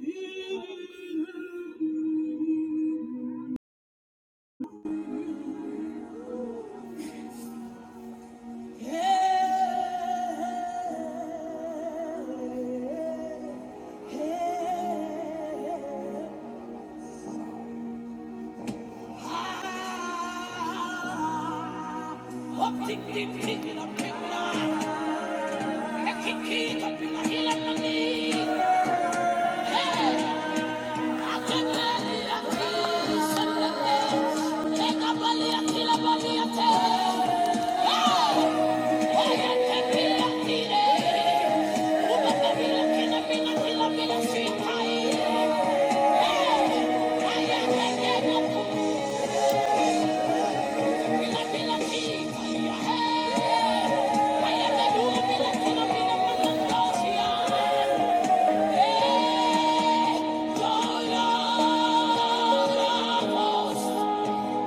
Hey! Yeah.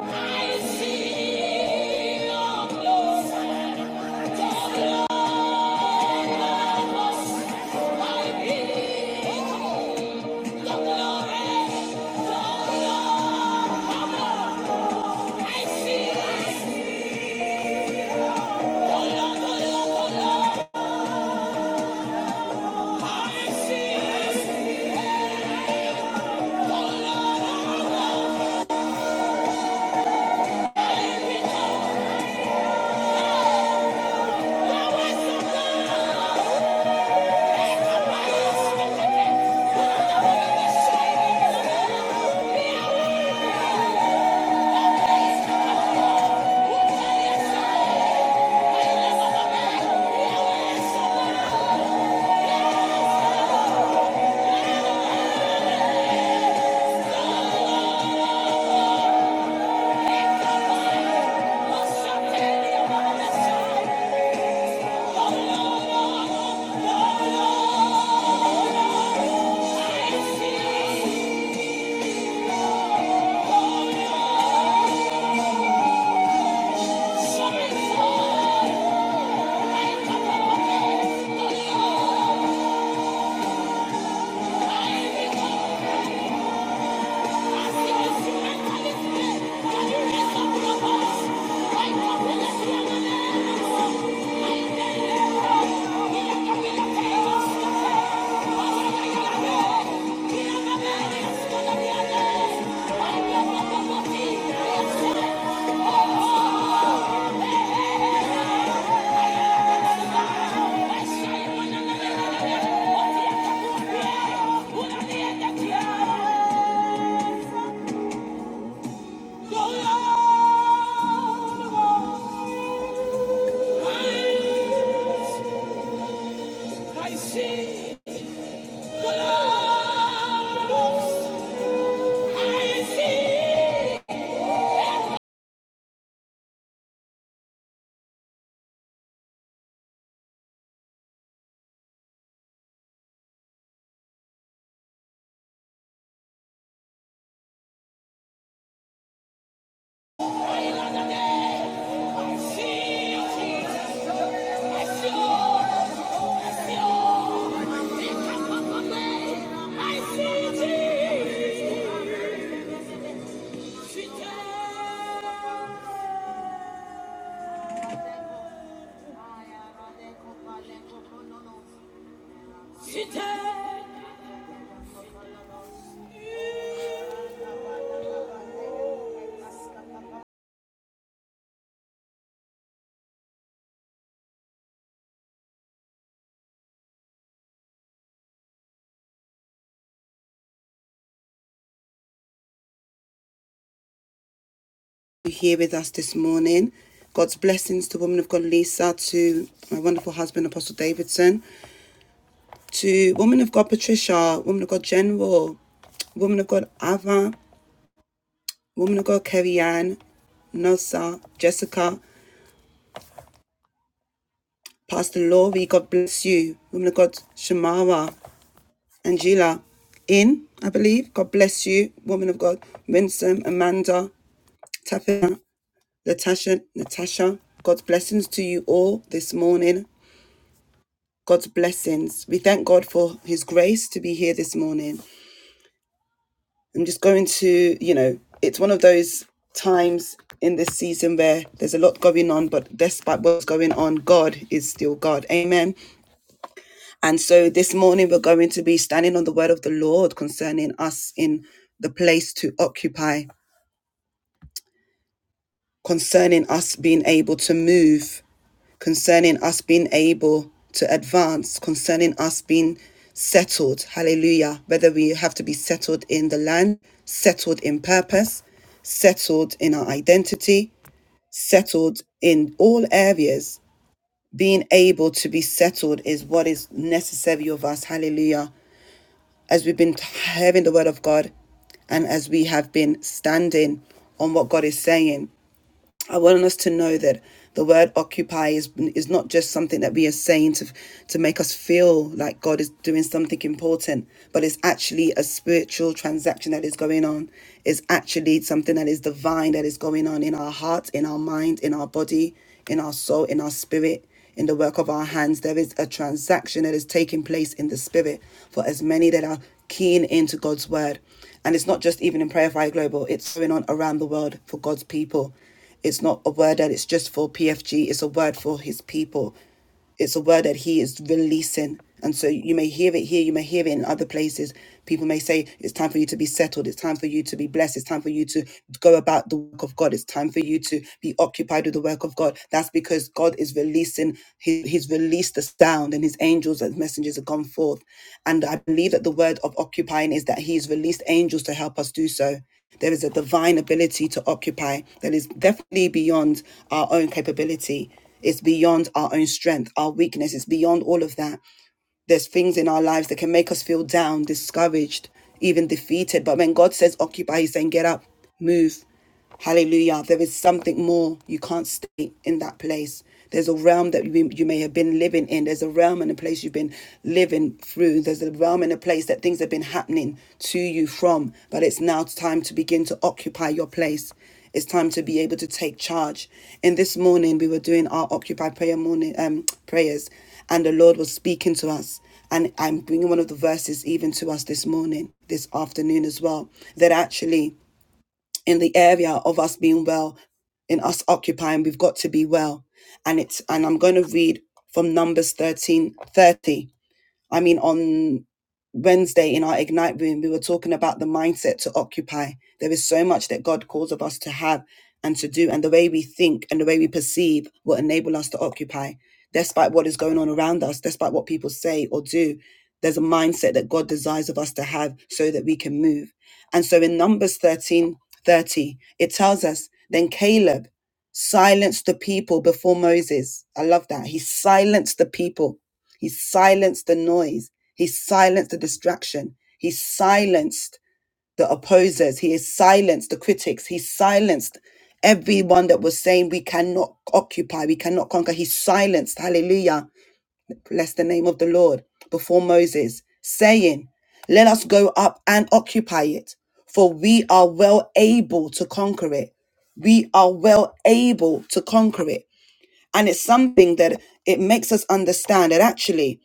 Oh, Oh, Yeah. I see I see I see you here with us this morning. God's blessings to woman of God Lisa, to my wonderful husband Apostle Davidson. to Woman of God Patricia, Woman of God General, Woman of God Ava, Woman of God Kerry Ann, Nosa, Jessica, Pastor Laurie, God bless you. Woman of God Shamara, Angela, In, I believe, God bless you. Woman of God Winsome, Amanda, Tafina, Natasha, Natasha, God's blessings to you all this morning. God's blessings. We thank God for His grace to be here this morning. I'm just going to, you know, it's one of those times in this season where there's a lot going on, but despite what's going on, God is still God. Amen. And so this morning we're going to be standing on the word of the Lord concerning us in the place to occupy. concerning us being able to move, concerning us being able to advance, concerning us being settled. Hallelujah. Whether we have to be settled in the land, settled in purpose, settled in our identity, settled in all areas. Being able to be settled is what is necessary of us. Hallelujah. As we've been hearing the word of God and as we have been standing on what God is saying, I want us to know that the word occupy is, is not just something that we are saying to, to make us feel like God is doing something important, but it's actually a spiritual transaction that is going on. It's actually something that is divine that is going on in our heart, in our mind, in our body, in our soul, in our spirit, in the work of our hands. There is a transaction that is taking place in the spirit for as many that are keen into God's word. And it's not just even in Prayer Fire Global, it's going on around the world for God's people. It's not a word that it's just for PFG, it's a word for his people. It's a word that He is releasing. And so you may hear it here, you may hear it in other places. People may say, It's time for you to be settled. It's time for you to be blessed. It's time for you to go about the work of God. It's time for you to be occupied with the work of God. That's because God is releasing, he, He's released the sound, and His angels and messengers have gone forth. And I believe that the word of occupying is that He's released angels to help us do so. There is a divine ability to occupy that is definitely beyond our own capability. It's beyond our own strength, our weakness. It's beyond all of that. There's things in our lives that can make us feel down, discouraged, even defeated. But when God says occupy, He's saying get up, move. Hallelujah. There is something more. You can't stay in that place. There's a realm that you, you may have been living in. There's a realm and a place you've been living through. There's a realm and a place that things have been happening to you from. But it's now time to begin to occupy your place. It's time to be able to take charge. And this morning we were doing our Occupy prayer morning um prayers. And the Lord was speaking to us. And I'm bringing one of the verses even to us this morning, this afternoon as well, that actually in the area of us being well, in us occupying, we've got to be well. And it's, and I'm going to read from Numbers 13 30. I mean, on Wednesday in our Ignite room, we were talking about the mindset to occupy. There is so much that God calls of us to have and to do, and the way we think and the way we perceive will enable us to occupy, despite what is going on around us, despite what people say or do. There's a mindset that God desires of us to have so that we can move. And so in Numbers 13:30, it tells us, then Caleb silenced the people before Moses. I love that. He silenced the people he silenced the noise. He silenced the distraction. He silenced the opposers. He has silenced the critics. He silenced everyone that was saying we cannot occupy, we cannot conquer. He silenced, hallelujah, bless the name of the Lord, before Moses, saying, Let us go up and occupy it, for we are well able to conquer it we are well able to conquer it. And it's something that it makes us understand that actually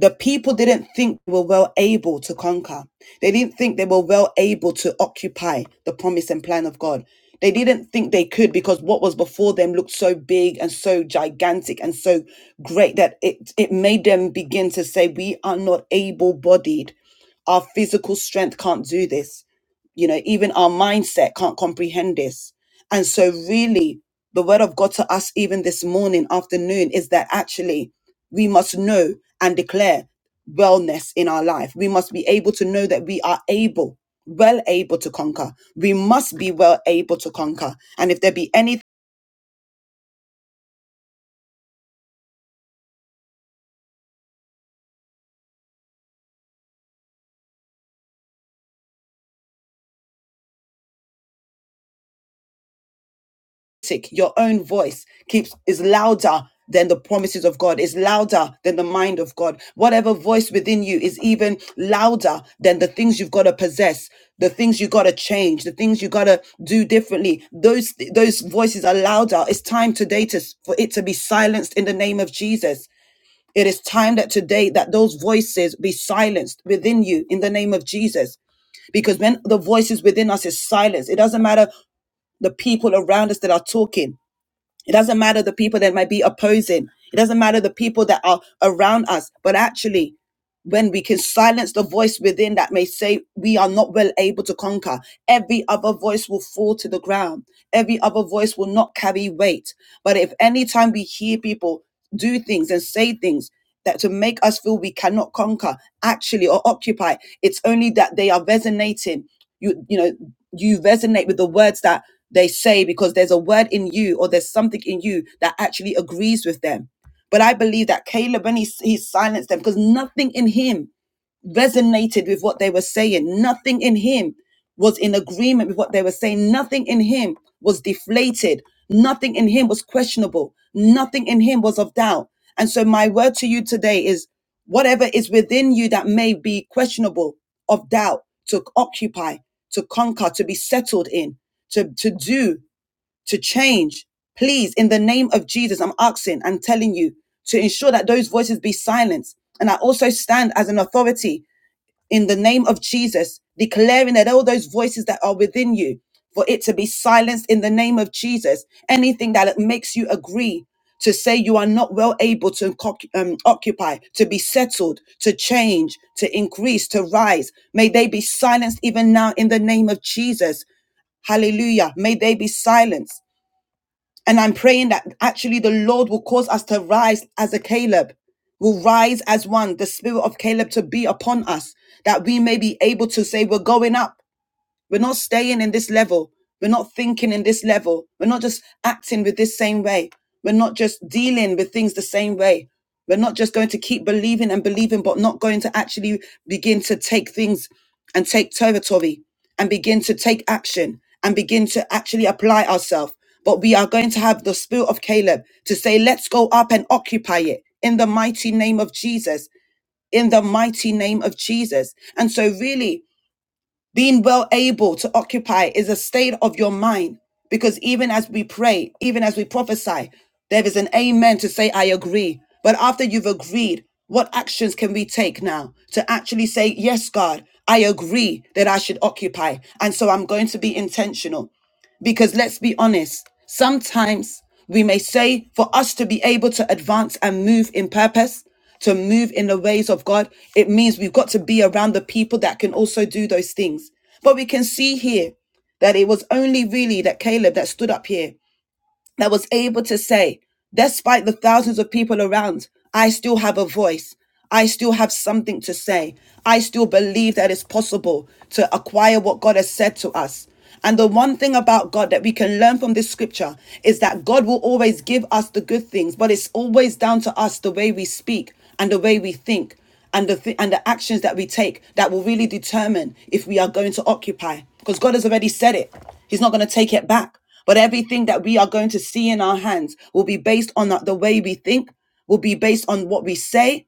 the people didn't think they were well able to conquer. They didn't think they were well able to occupy the promise and plan of God. They didn't think they could because what was before them looked so big and so gigantic and so great that it, it made them begin to say, We are not able bodied. Our physical strength can't do this. You know, even our mindset can't comprehend this. And so, really, the word of God to us, even this morning, afternoon, is that actually we must know and declare wellness in our life. We must be able to know that we are able, well able to conquer. We must be well able to conquer. And if there be any critic, your own voice keeps is louder than the promises of God, is louder than the mind of God. Whatever voice within you is even louder than the things you've got to possess, the things you got to change, the things you got to do differently. Those those voices are louder. It's time today to for it to be silenced in the name of Jesus. It is time that today that those voices be silenced within you in the name of Jesus. Because when the voices within us is silenced, it doesn't matter the people around us that are talking. It doesn't matter the people that might be opposing. It doesn't matter the people that are around us. But actually, when we can silence the voice within that may say we are not well able to conquer, every other voice will fall to the ground. Every other voice will not carry weight. But if any time we hear people do things and say things that to make us feel we cannot conquer, actually, or occupy, it's only that they are resonating. You, you know you resonate with the words that they say because there's a word in you or there's something in you that actually agrees with them. But I believe that Caleb, when he, he silenced them, because nothing in him resonated with what they were saying. Nothing in him was in agreement with what they were saying. Nothing in him was deflated. Nothing in him was questionable. Nothing in him was of doubt. And so, my word to you today is whatever is within you that may be questionable, of doubt, to occupy, to conquer, to be settled in, to, to do, to change, please, in the name of Jesus, I'm asking, I'm telling you to ensure that those voices be silenced. And I also stand as an authority in the name of Jesus, declaring that all those voices that are within you, for it to be silenced in the name of Jesus. Anything that makes you agree to say you are not well able to oc- um, occupy, to be settled, to change, to increase, to rise, may they be silenced even now in the name of Jesus. Hallelujah. May they be silenced and I'm praying that actually the Lord will cause us to rise as a Caleb, will rise as one, the spirit of Caleb to be upon us, that we may be able to say, We're going up. We're not staying in this level. We're not thinking in this level. We're not just acting with this same way. We're not just dealing with things the same way. We're not just going to keep believing and believing, but not going to actually begin to take things and take territory and begin to take action and begin to actually apply ourselves. But we are going to have the spirit of Caleb to say, let's go up and occupy it in the mighty name of Jesus. In the mighty name of Jesus. And so, really, being well able to occupy is a state of your mind because even as we pray, even as we prophesy, there is an amen to say, I agree. But after you've agreed, what actions can we take now to actually say, Yes, God, I agree that I should occupy. And so I'm going to be intentional. Because let's be honest, sometimes we may say for us to be able to advance and move in purpose, to move in the ways of God, it means we've got to be around the people that can also do those things. But we can see here that it was only really that Caleb that stood up here that was able to say, despite the thousands of people around, I still have a voice. I still have something to say. I still believe that it's possible to acquire what God has said to us. And the one thing about God that we can learn from this scripture is that God will always give us the good things, but it's always down to us the way we speak and the way we think and the th- and the actions that we take that will really determine if we are going to occupy because God has already said it. He's not going to take it back. But everything that we are going to see in our hands will be based on the the way we think, will be based on what we say,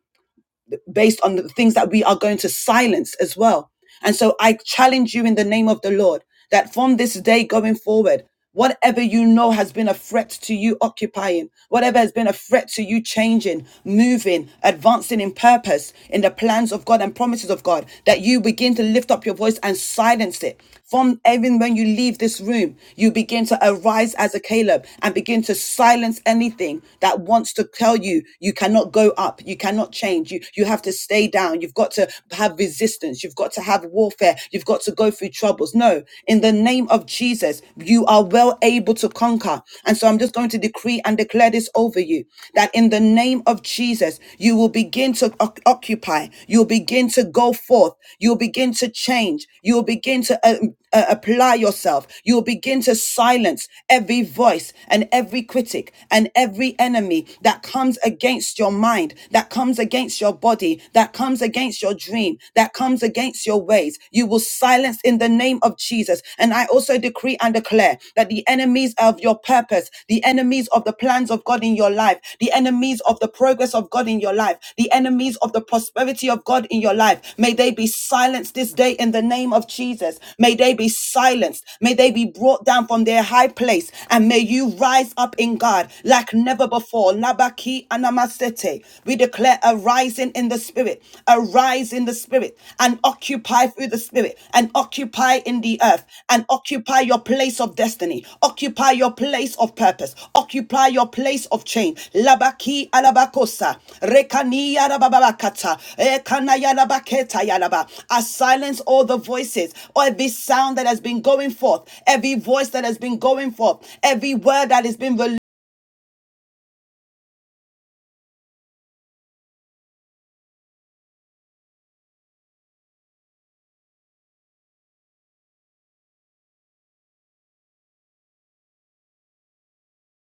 based on the things that we are going to silence as well. And so I challenge you in the name of the Lord that from this day going forward, whatever you know has been a threat to you occupying, whatever has been a threat to you changing, moving, advancing in purpose, in the plans of God and promises of God, that you begin to lift up your voice and silence it. From even when you leave this room, you begin to arise as a Caleb and begin to silence anything that wants to tell you you cannot go up, you cannot change, you, you have to stay down, you've got to have resistance, you've got to have warfare, you've got to go through troubles. No, in the name of Jesus, you are well able to conquer. And so I'm just going to decree and declare this over you that in the name of Jesus, you you will begin to oc- occupy. You'll begin to go forth. You'll begin to change. You'll begin to uh, uh, apply yourself. You'll begin to silence every voice and every critic and every enemy that comes against your mind, that comes against your body, that comes against your dream, that comes against your ways. You will silence in the name of Jesus. And I also decree and declare that the enemies of your purpose, the enemies of the plans of God in your life, the enemies of the progress of God in your life, the enemies of the prosperity of God in your life, may they be silenced this day in the name of Jesus. May they be silenced. May they be brought down from their high place and may you rise up in God like never before. Nabaki anamasete. We declare a rising in the spirit, A rising rise in the spirit and occupy through the spirit and occupy in the earth and occupy your place of destiny, occupy your place of purpose, occupy your place of change. Labaki alabakosa, rekani yarababakata, ekana yarabaketa yaraba. I silence all the voices, or every sound that has been going forth, every voice that has been going forth, every word that has been released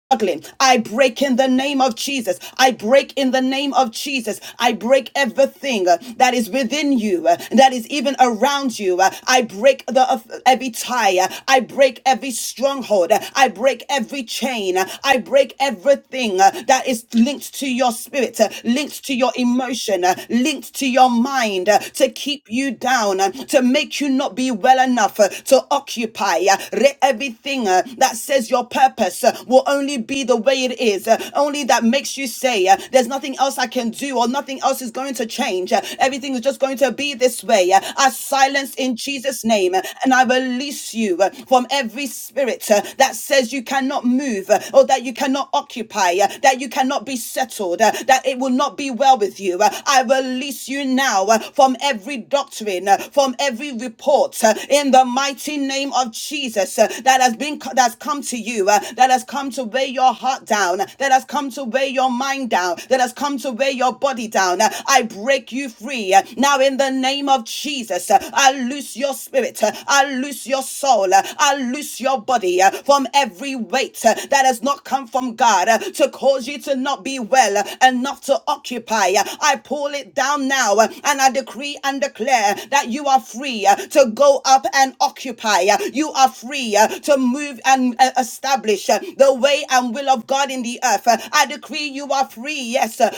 struggling. I break in the name of Jesus. I break in the name of Jesus. I break everything uh, that is within you, uh, that is even around you. Uh, I break the uh, every tie. Uh, I break every stronghold. Uh, I break every chain. Uh, I break everything uh, that is linked to your spirit, uh, linked to your emotion, uh, linked to your mind uh, to keep you down, uh, to make you not be well enough uh, to occupy uh, re- everything uh, that says your purpose purpose uh, will only be the way it is, uh, only that makes you say, uh, There's nothing else I can do, or nothing else is going to change. Uh, Everything is just going to be this way. Uh, I silence in Jesus' name, uh, and I release you uh, from every spirit uh, that says you cannot move, uh, or that you cannot occupy, uh, that you cannot be settled, uh, that it will not be well with you. Uh, I release you now uh, from every doctrine, uh, from every report, uh, in the mighty name of Jesus uh, that has been that's come to you, uh, that has come to weigh your heart down, that has come to weigh your mind down, that has come to weigh your body down. Uh, I break you free uh, now in the name of Jesus. uh, I loose your spirit, uh, I loose your soul, uh, I loose your body uh, from every weight uh, that has not come from God uh, to cause you to not be well uh, and not to occupy. Uh, I pull it down now uh, and I decree and declare that you are free uh, to go up and occupy. Uh, You are free decree uh, to move and uh, establish uh, the way and will of God in the earth. Uh, I decree you are free. Yes. uh,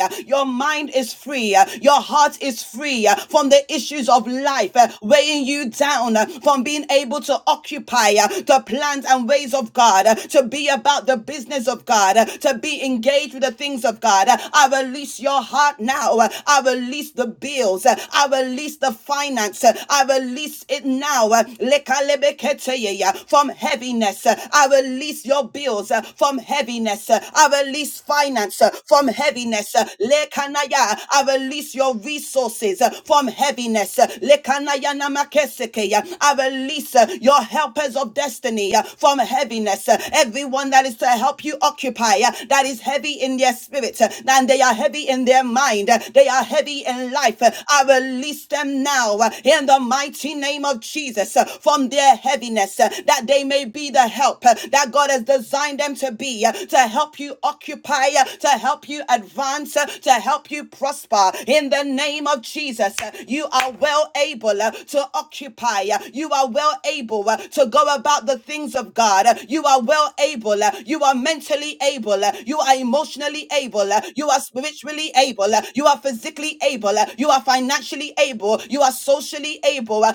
uh, Your mind is free. uh, Your heart is free uh, from the issues of life uh, weighing you down uh, from being able to occupy uh, the plans and ways of God, uh, to be about the business of God, uh, to be engaged with the things of God. Uh, I release your heart now. Uh, I release the bills. Uh, I release the release the finance. I release it now. From heaviness. I release your bills uh, from heaviness. I release finance uh, from heaviness. Lekanaya, I release your resources uh, from heaviness. Lekanaya namakesekeya, I release uh, your helpers of destiny uh, from heaviness. Everyone that is to help you occupy uh, that is heavy in their spirit uh, and they are heavy in their mind. uh, They are heavy in life. uh, I release them now uh, in the mighty name of Jesus uh, from their heaviness, uh, that they may be the help uh, that God has designed them to be, uh, to help you occupy, uh, to help you advance, uh, to help you prosper. In the name of Jesus, uh, you are well able uh, to occupy, uh, you are well able uh, to go about the things of God, uh, you are well able, uh, you are mentally able, uh, you are emotionally able, uh, you are spiritually able, uh, you are physically physically able, uh, you are financially able, you are socially able, uh,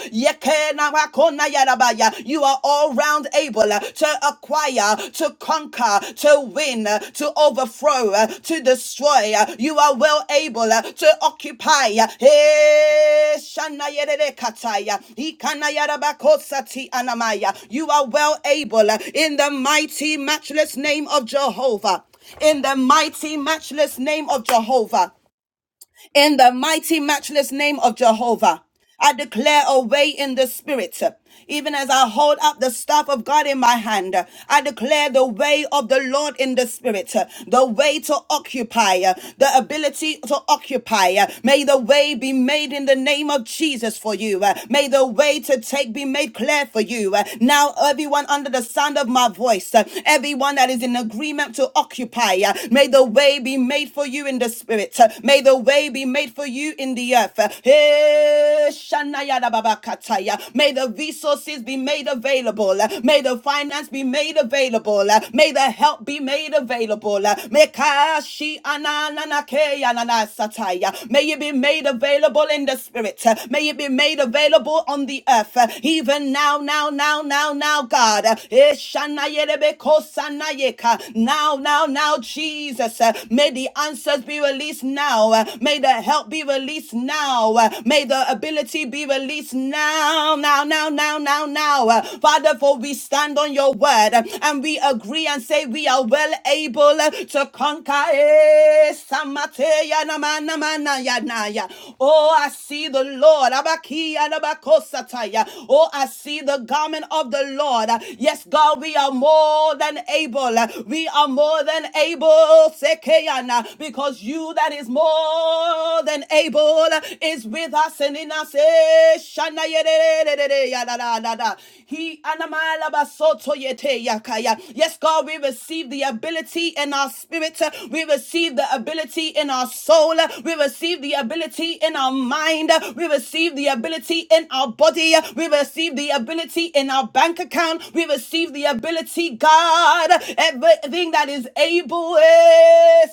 you are all round able uh, to acquire, to conquer, to win, uh, to overthrow, uh, to destroy. uh, You are well able uh, to occupy. uh, eh, shanayererekataya, ikanayarabakosati anamaya. You are well able uh, in the mighty, matchless name of Jehovah. In the mighty, matchless name of Jehovah in the mighty, matchless name of Jehovah. I declare a way in the spirit. Even as I hold up the staff of God in my hand, I declare the way of the Lord in the spirit, the way to occupy, the ability to occupy. May the way be made in the name of Jesus for you. May the way to take be made clear for you. Now, everyone under the sound of my voice, everyone that is in agreement to occupy, may the way be made for you in the spirit spirit. May the way be made for you in the earth. Eh, Babakataya. May the resources be made available. May the finance be made available. May the help be made available. Mekashi ananana keyanana May it be made available in the spirit. May it be made available on the earth. Even now, now, now, now, now, God. Eh, Now, now, now, Jesus. May the answers be released now. Uh, May the help be released now. Uh, May the ability be released now, now, now, now, now, now. Uh, Father, for we stand on your word uh, and we agree and say we are well able uh, to conquer. Eh, Samateya na ma na ma na ya na ya. Oh, I see the Lord. Abakiya na bakosataya. Oh, I see the garment of the Lord. Uh, Yes, God, we are more than able. Uh, We are more than able because you that is more than able is with us and in us. eh, He Yes, God, we receive the ability in our spirit. We receive the ability in our soul. We receive the ability in our mind. We receive the ability in our body. We receive the ability in our bank account. We receive the ability, God. Everything that is is able. eh,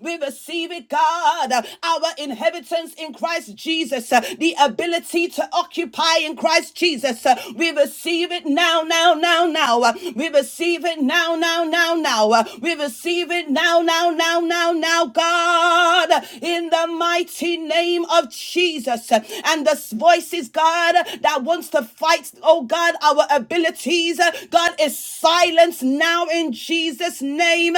We receive it, God. Our inheritance in Christ Jesus. uh, The ability to occupy in Christ Jesus. Uh, We receive it now, now, now, now. Uh, We receive it now, now, now, now. Uh, We receive it now, now, now, now, now, God. In the mighty name of Jesus. Uh, And the voices, God, that wants to fight, oh God, our abilities. uh, God is silenced now now in Jesus' name.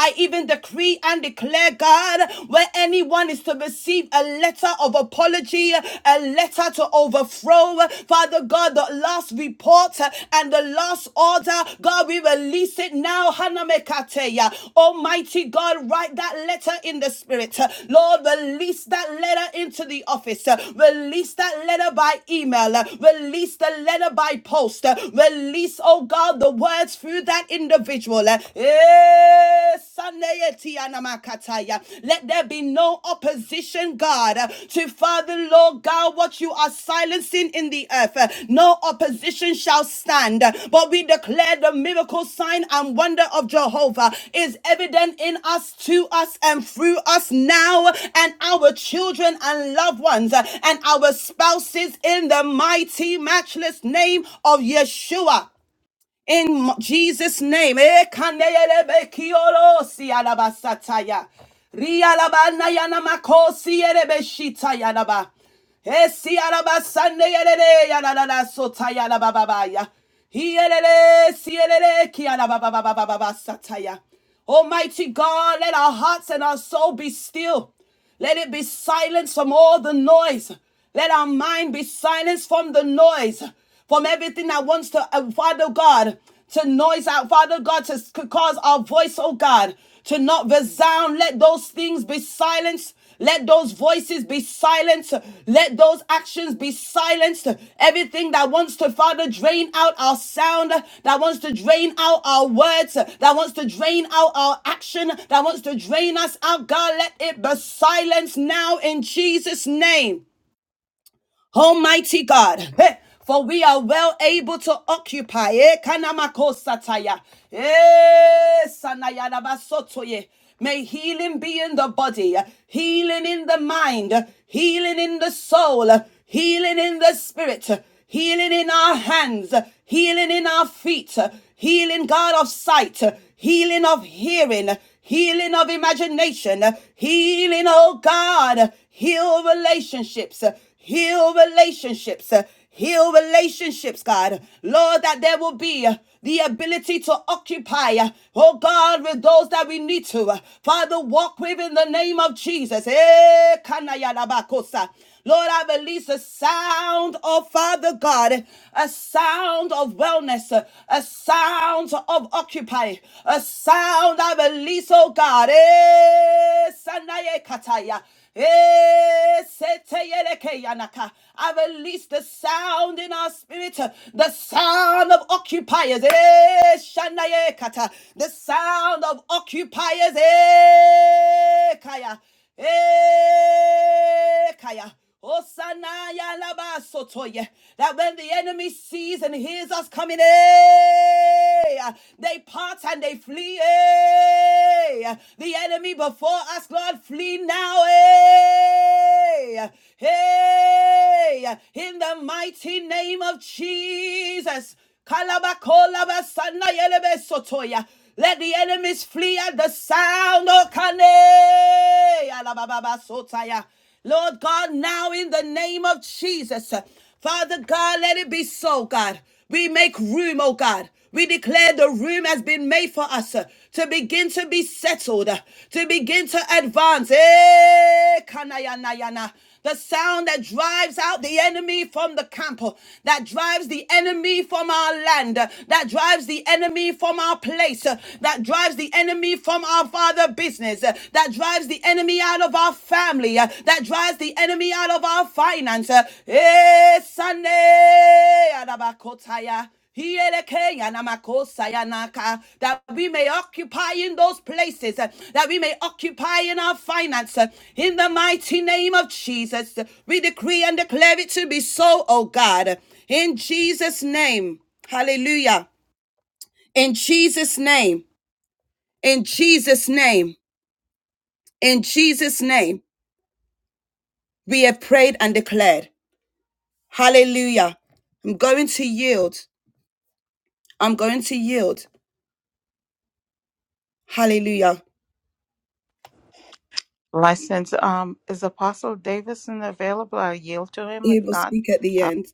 I even decree and declare, God, where anyone is to receive a letter of apology, a letter to overthrow, Father God, the last report and the last order, God, we release it now. Hanamekateya. Almighty God, write that letter in the spirit. Lord, release that letter into the office. Release that letter by email. Release the letter by post. Release, oh God, the word words through that individual. Eh, Sunday, Etianamakataya. Let there be no opposition, God, uh, to Father, Lord God, what you are silencing in the earth. Uh, No opposition shall stand, Uh, but we declare the miracle sign and wonder of Jehovah is evident in us, to us, and through us now, and our children and loved ones, uh, and our spouses in the mighty, matchless name of Yeshua in Jesus' name. Eh, kandelebe kiolo si alabasataya. Rialabana yanamako si erebe shita yalaba. Eh, si alabasande yerere yalalala sota yalabababaya. Hi erere, si erere ki alabababababasataya. Almighty God, let our hearts and our soul be still. Let it be silenced from all the noise. Let our mind be silenced from the noise from everything that wants to, uh, Father God, to noise out, Father God, to cause our voice, oh God, to not resound. Let those things be silenced. Let those voices be silenced. Let those actions be silenced. Everything that wants to, Father, drain out our sound, that wants to drain out our words, that wants to drain out our action, that wants to drain us out, God, let it be silenced now in Jesus' name. Almighty God, eh, for we are well able to occupy. eh, kanamakosataya, eh, sanayarabasotoye. May healing be in the body, healing in the mind, healing in the soul, healing in the spirit, healing in our hands, healing in our feet, healing, God, of sight, healing of hearing, healing of imagination, healing, oh God, heal relationships, Heal relationships. uh, Heal relationships, God. Lord, that there will be uh, the ability to occupy, uh, oh God, with those that we need to. uh, Father, walk with in the name of Jesus. Eh, kanayalabakosa, Lord, I release a sound oh Father God, a sound of wellness, uh, a sound of occupy, a sound I release, oh God. Eh, sanaye kataya. Eh, seteyeleke yanaka. I release the sound in our spirit, uh, the sound of occupiers. Eh, shanayekata. The sound of occupiers. Eh, kaya. Eh, kaya. Hosanaya laba sotoye. That when the enemy sees and hears us coming, eh, they part and they flee. eh. The enemy before us, Lord, flee now. eh. Hey, in the mighty name of Jesus. Kalabakolaba sanayelebe Let the enemies flee at the sound. Oh, kane. Alababa Lord God, now in the name of Jesus, uh, Father God, let it be so, God. We make room, oh God. We declare the room has been made for us uh, to begin to be settled, uh, to begin to advance. Eh, kanayana yana. The sound that drives out the enemy from the camp, that drives the enemy from our land, that drives the enemy from our place, that drives the enemy from our father business, that drives the enemy out of our family, that drives the enemy out of our finance. Eh, Sunday, Adabakotaya. Hiyeleke yanamakosa yanaka, That we may occupy in those places, uh, that we may occupy in our finance. uh, In the mighty name of Jesus, we decree and declare it to be so, Oh God. In Jesus' name, hallelujah. In Jesus' name, in Jesus' name, in Jesus' name, we have prayed and declared. Hallelujah. I'm going to yield. I'm going to yield. Hallelujah. license. Um, is Apostle Davidson available? I'll yield to him. He If will not, speak at the I'll, end.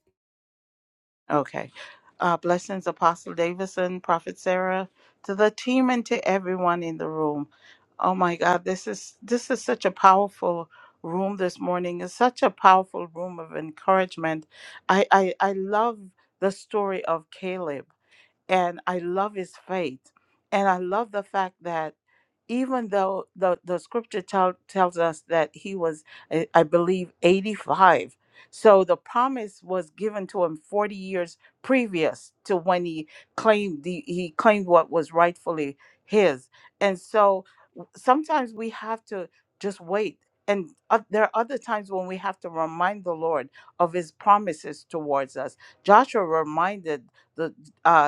okay. Uh, blessings, Apostle Davidson, Prophet Sarah, to the team and to everyone in the room. Oh my God, this is this is such a powerful room this morning. It's such a powerful room of encouragement. I I, I love the story of Caleb, and I love his faith, and I love the fact that even though the, the scripture tell, tells us that he was, I I believe, 85. So the promise was given to him 40 years previous to when he claimed the he claimed what was rightfully his. And so w- sometimes we have to just wait. And uh, there are other times when we have to remind the Lord of his promises towards us. Joshua reminded the uh,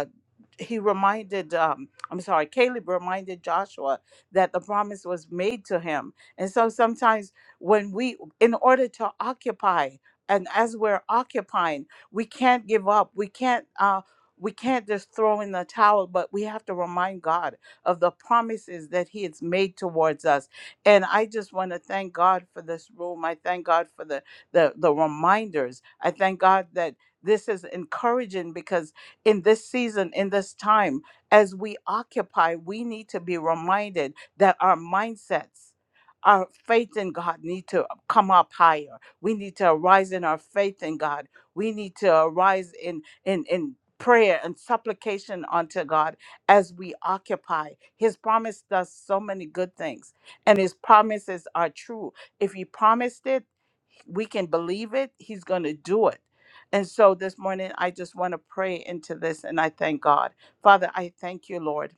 he reminded um i'm sorry caleb reminded joshua that the promise was made to him and so sometimes when we in order to occupy and as we're occupying we can't give up we can't uh we can't just throw in the towel, but we have to remind God of the promises that He has made towards us. And I just want to thank God for this room. I thank God for the the, the reminders. I thank God that this is encouraging because in this season, in this time, as we occupy, we need to be reminded that our mindsets, our faith in God need to come up higher. We need to arise in our faith in God. We need to arise in in in prayer and supplication unto God as we occupy. His promise does so many good things and his promises are true. If he promised it, we can believe it, He's going to do it. And so this morning, I just want to pray into this and I thank God. Father, I thank you, Lord.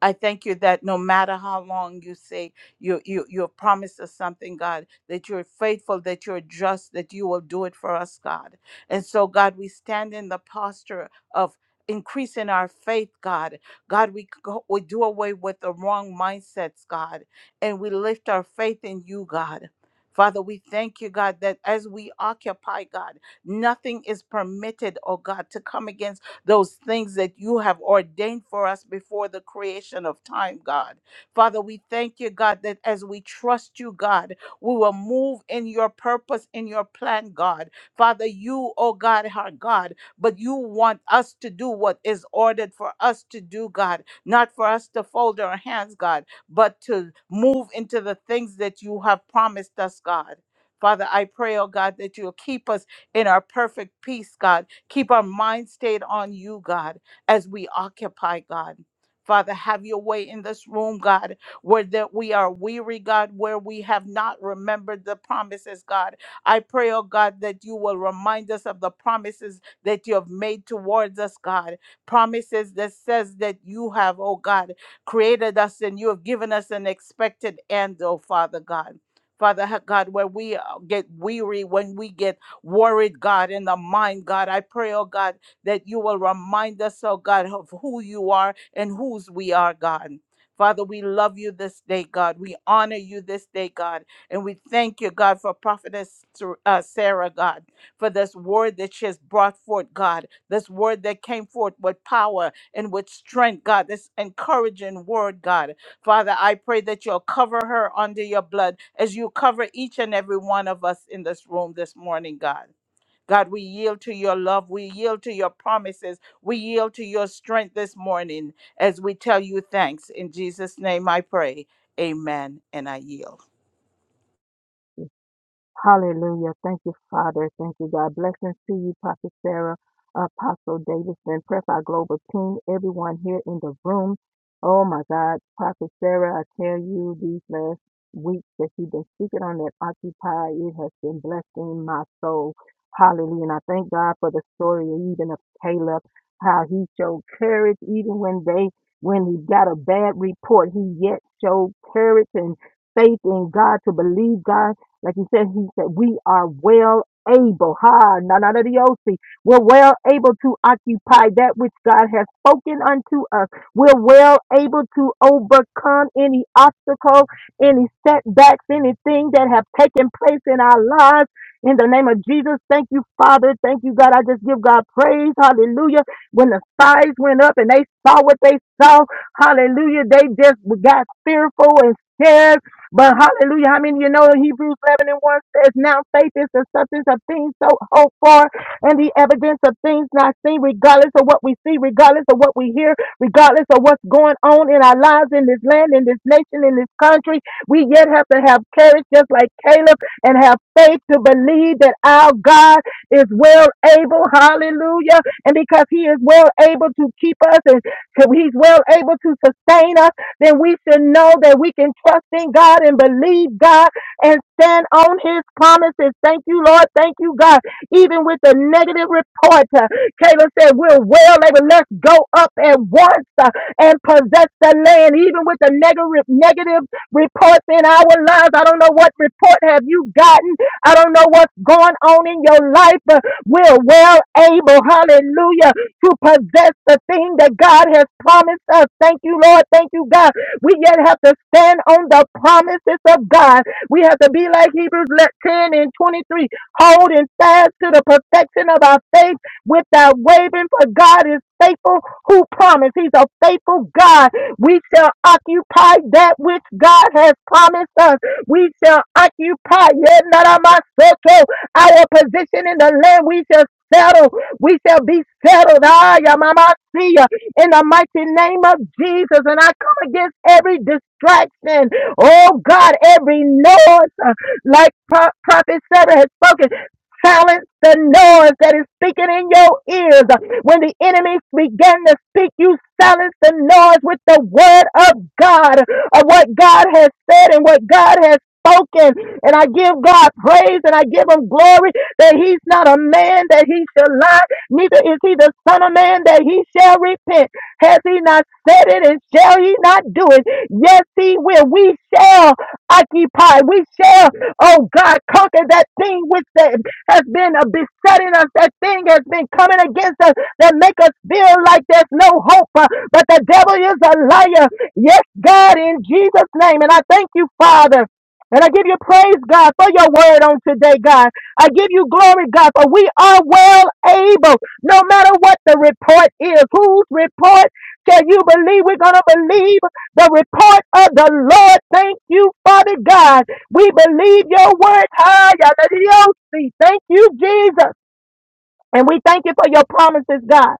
I thank you that no matter how long you say you you you're promised us something, God, that you're faithful, that you're just, that you will do it for us, God. And so, God, we stand in the posture of increasing our faith, God. God, we go, we do away with the wrong mindsets, God, and we lift our faith in you, God. Father, we thank you, God, that as we occupy, God, nothing is permitted, oh God, to come against those things that you have ordained for us before the creation of time, God. Father, we thank you, God, that as we trust you, God, we will move in your purpose, in your plan, God. Father, you, oh God, our God, but you want us to do what is ordered for us to do, God, not for us to fold our hands, God, but to move into the things that you have promised us, God. Father, I pray, oh God, that you'll keep us in our perfect peace, God Keep our mind stayed on you, God, as we occupy, God. Father, have your way in this room, God, where that we are weary, God, where we have not remembered the promises, God. I pray, oh God, that you will remind us of the promises that you have made towards us, God. Promises that says that you have, oh God, created us and you have given us an expected end, oh Father God. Father ha- God, where we uh, get weary when we get worried, God, in the mind, God. I pray, oh God, that you will remind us, oh God, of who you are and whose we are, God. Father, we love you this day, God. We honor you this day, God. And we thank you, God, for Prophetess uh, Sarah, God, for this word that she has brought forth, God, this word that came forth with power and with strength, God, this encouraging word, God. Father, I pray that you'll cover her under your blood as you cover each and every one of us in this room this morning, God. God, we yield to your love. We yield to your promises. We yield to your strength this morning as we tell you thanks. In Jesus' name I pray. Amen. And I yield. Hallelujah. Thank you, Father. Thank you, God. Blessings to you, Prophet Sarah, Apostle Davidson, Prep Our Global Team, everyone here in the room. Oh my God, Prophet Sarah, I tell you these last weeks that you've been speaking on that Occupy, it has been blessing my soul. Hallelujah. And I thank God for the story even of Caleb, how he showed courage even when they when he got a bad report, he yet showed courage and faith in God to believe God like he said, he said, we are well able. Ha, na na na diosi. We're well able to occupy that which God has spoken unto us. We're well able to overcome any obstacle, any setbacks, anything that have taken place in our lives. In the name of Jesus, thank you, Father. Thank you, God. I just give God praise. Hallelujah. When the spies went up and they saw what they saw, hallelujah, they just got fearful and scared but hallelujah, I mean, you know, Hebrews 11 and 1 says, Now faith is the substance of things so hoped for and the evidence of things not seen, regardless of what we see, regardless of what we hear, regardless of what's going on in our lives, in this land, in this nation, in this country. We yet have to have courage, just like Caleb, and have faith to believe that our God is well able, hallelujah, and because He is well able to keep us and He's well able to sustain us then we should know that we can trust in God and believe God and stand on his promises. Thank you, Lord. Thank you, God. Even with the negative report, uh, Caleb said, we're well able. Let's go up at once uh, and possess the land. Even with the negative, negative reports in our lives, I don't know what report have you gotten. I don't know what's going on in your life, but we're well able. Hallelujah to possess the thing that God has promised us. Thank you, Lord. Thank you, God. We yet have to stand on the promises of God. We have to be like Hebrews 10 and 23, holding fast to the perfection of our faith without wavering, for God is faithful who promised. He's a faithful God. We shall occupy that which God has promised us. We shall occupy yet not our soul, so our position in the land. We shall settle. We shall be settled. Ah, ya mama see ya. In the mighty name of Jesus. And I come against every distraction. Oh God, every noise. uh, Like Pro- Prophet Sarah has spoken. Silence the noise that is speaking in your ears. When the enemy began to speak, you silence the noise with the word of God, of what God has said and what God has spoken. And I give God praise and I give him glory that he's not a man that he shall lie, neither is he the son of man that he shall repent. Has he not said it and shall he not do it? Yes, he will. We shall occupy. We shall, oh God, conquer that thing which that has been uh, besetting us, that thing has been coming against us that make us feel like there's no hope. uh, But the devil is a liar. Yes, God, in Jesus' name. And I thank you, Father. And I give you praise, God, for your word on today, God. I give you glory, God, for we are well able, no matter what the report is. Whose report can you believe? We're going to believe the report of the Lord. Thank you, Father God. We believe your word. Hallelujah. Thank you, Jesus. And we thank you for your promises, God.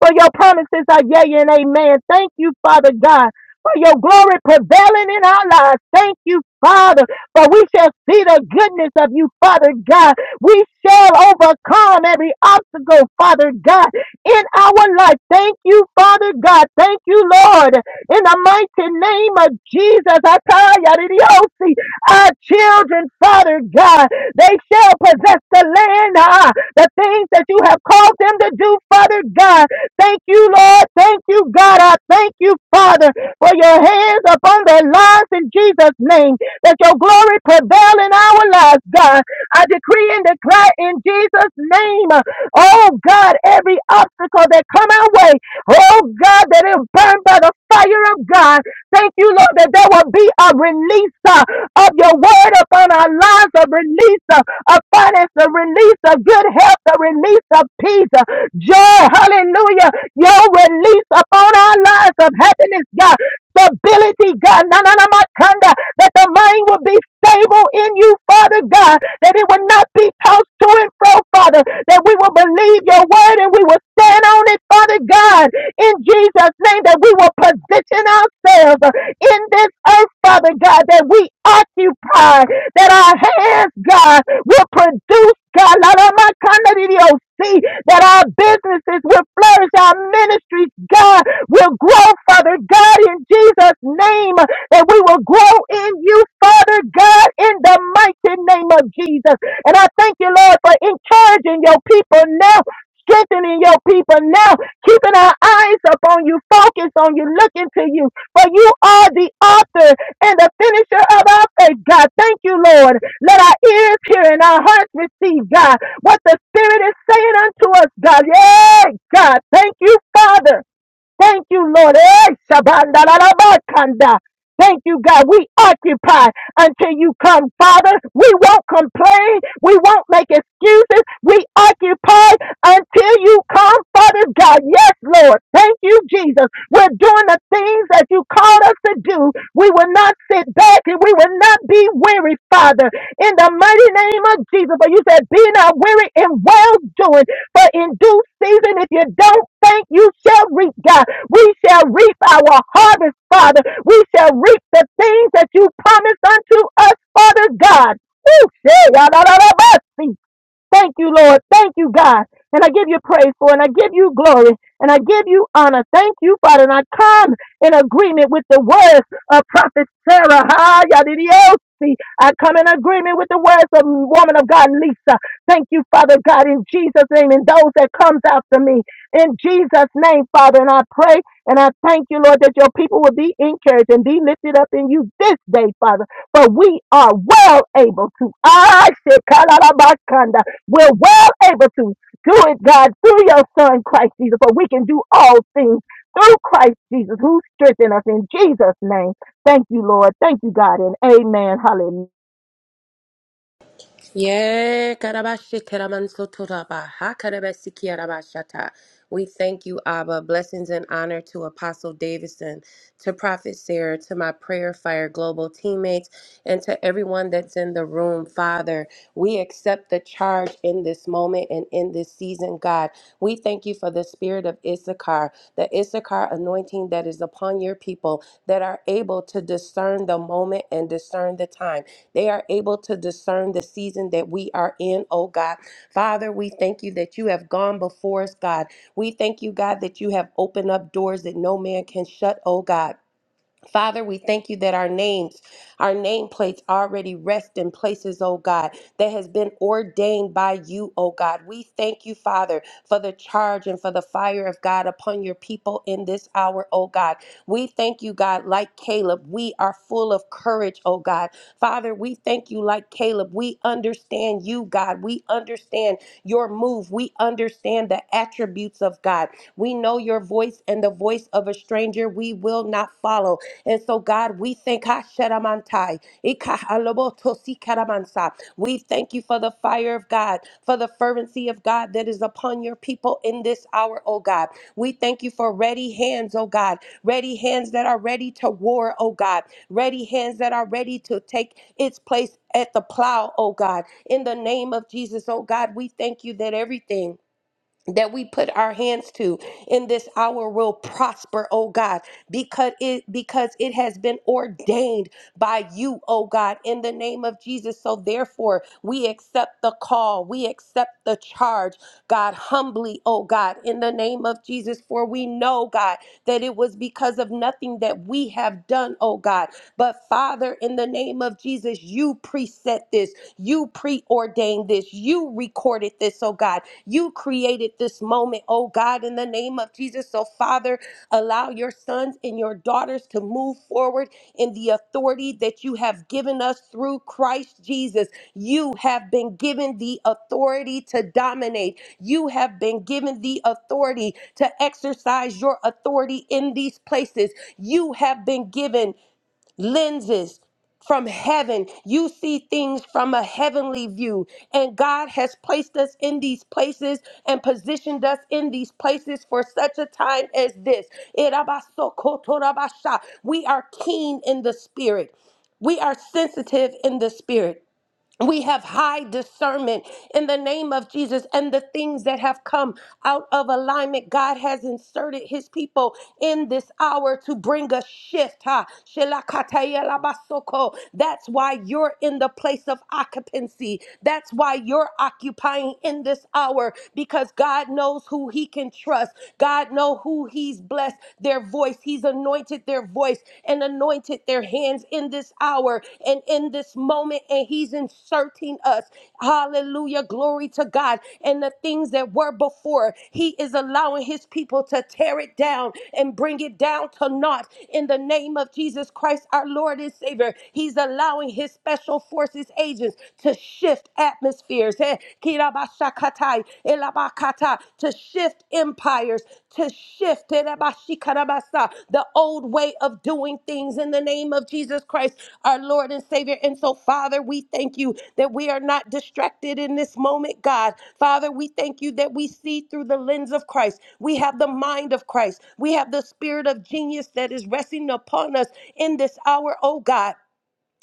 For your promises are yea and amen. Thank you, Father God, for your glory prevailing in our lives. Thank you, Father, for we shall see the goodness of you, Father God. We shall overcome every obstacle, Father God, in our life. Thank you, Father God. Thank you, Lord. In the mighty name of Jesus, I tell you, our children, Father God, they shall possess the land. Ah, the things that you have called them to do, Father God. Thank you, Lord. Thank you, God. I thank you, Father, for your hands upon their lives in Jesus' name. That your glory prevail in our lives, God. I decree and declare in Jesus' name, oh God, every obstacle that come our way, oh God, that is burned by the fire of God. Thank you, Lord, that there will be a release uh, of your word upon our lives, a release uh, of finance, a release of good health, a release of peace, uh, joy, hallelujah. Your release upon our lives of happiness, God, stability, God, na na na makanda, that the mind will be stable in you, Father God, that it will not be tossed to and fro, Father, that we will believe your word and we will stand on it, Father God, in Jesus' name that we will position ourselves in this earth, Father God, that we occupy, that our hands, God, will produce, God, la, la, ma, kanda, di, di, oh, see, that our businesses will flourish, our ministries, God, will grow, Father God, in Jesus' name, that we will grow in you, Father God, in the mighty name of Jesus. And I thank you, Lord, for encouraging your people now strengthening your people now, keeping our eyes upon you, focused on you, looking to you. For you are the author and the finisher of our faith, God. Thank you, Lord. Let our ears hear and our hearts receive, God, what the Spirit is saying unto us, God. Yay, God. Thank you, Father. Thank you, Lord. Eh, shabandalalabakanda. Thank you, God. We occupy until you come, Father. We won't complain. We won't make excuses. We occupy until you come, Father God. Yes, Lord. Thank you, Jesus. We're doing the things that you called us to do. We will not sit back and we will not be weary, Father. In the mighty name of Jesus. But you said, be not weary in well doing. For in due season, if you don't think you shall reap, God, we shall reap our harvest, Father. We shall reap the things that you promised unto us, Father God. Woo! Thank you, Lord. Thank you, God. And I give you praise for it. And I give you glory. And I give you honor. Thank you, Father. And I come in agreement with the words of Prophet Sarah. Ha, yadidiyosi. I come in agreement with the words of woman of God, Lisa. Thank you, Father God, in Jesus' name. And those that comes after me, in Jesus' name, Father. And I pray and I thank you, Lord, that your people will be encouraged and be lifted up in you this day, Father. For we are well able to. Ah, shekala rabakanda. We're well able to do it, God, through your son, Christ Jesus, for we can do all things through Christ Jesus who strengthens us in Jesus' name. Thank you, Lord. Thank you, God, and amen. Hallelujah. Yeah, Karabashi, teramanso toraba, ha karabasi kiarabashata. We thank you, Abba. Blessings and honor to Apostle Davidson, to Prophet Sarah, to my Prayer Fire Global teammates, and to everyone that's in the room, Father. We accept the charge in this moment and in this season, God. We thank you for the spirit of Issachar, the Issachar anointing that is upon your people that are able to discern the moment and discern the time. They are able to discern the season that we are in, oh God. Father, we thank you that you have gone before us, God. We thank you, God, that you have opened up doors that no man can shut, oh God. Father, we thank you that our names, our nameplates already rest in places, oh God, that has been ordained by you, oh God. We thank you, Father, for the charge and for the fire of God upon your people in this hour, oh God. We thank you, God, like Caleb, we are full of courage, oh God. Father, we thank you, like Caleb, we understand you, God. We understand your move. We understand the attributes of God. We know your voice and the voice of a stranger we will not follow. And so, God, we thank Hasheramantai, Ikahalobotosikaramansa. we thank you for the fire of God, for the fervency of God that is upon your people in this hour, oh God. We thank you for ready hands, oh God, ready hands that are ready to war, oh God, ready hands that are ready to take its place at the plow, oh God. In the name of Jesus, oh God, we thank you that everything that we put our hands to in this hour will prosper, oh God, because it because it has been ordained by you, oh God, in the name of Jesus. So therefore, we accept the call, we accept the charge, God, humbly, oh God, in the name of Jesus. For we know, God, that it was because of nothing that we have done, oh God. But Father, in the name of Jesus, you preset this, you preordained ordained this. You recorded this, oh God. You created this moment, oh God, in the name of Jesus. So, Father, allow your sons and your daughters to move forward in the authority that you have given us through Christ Jesus. You have been given the authority to dominate, you have been given the authority to exercise your authority in these places. You have been given lenses from heaven. You see things from a heavenly view. And God has placed us in these places and positioned us in these places for such a time as this. Erabasokotorabasha. We are keen in the spirit. We are sensitive in the spirit. We have high discernment in the name of Jesus and the things that have come out of alignment. God has inserted his people in this hour to bring a shift. Ha. Shelakataya labasoko. That's why you're in the place of occupancy. That's why you're occupying in this hour because God knows who he can trust. God knows who he's blessed, their voice. He's anointed anointed their voice and anointed their hands in this hour and in this moment, and He's inserting us. Hallelujah. Glory to God. And the things that were before, He is allowing His people to tear it down and bring it down to naught in the name of Jesus Christ, our Lord and Savior. He's allowing His special forces agents to shift atmospheres. Eh, Elabakatai, Elabakata, to shift empires, to shift Elabashikarabasa, the old way of doing things in the name of Jesus Christ, our Lord and Savior. And so, Father, we thank you that we are not distracted in this moment, God. Father, we thank you that we see through the lens of Christ. We have the mind of Christ. We have the spirit of genius that is resting upon us in this hour, oh God.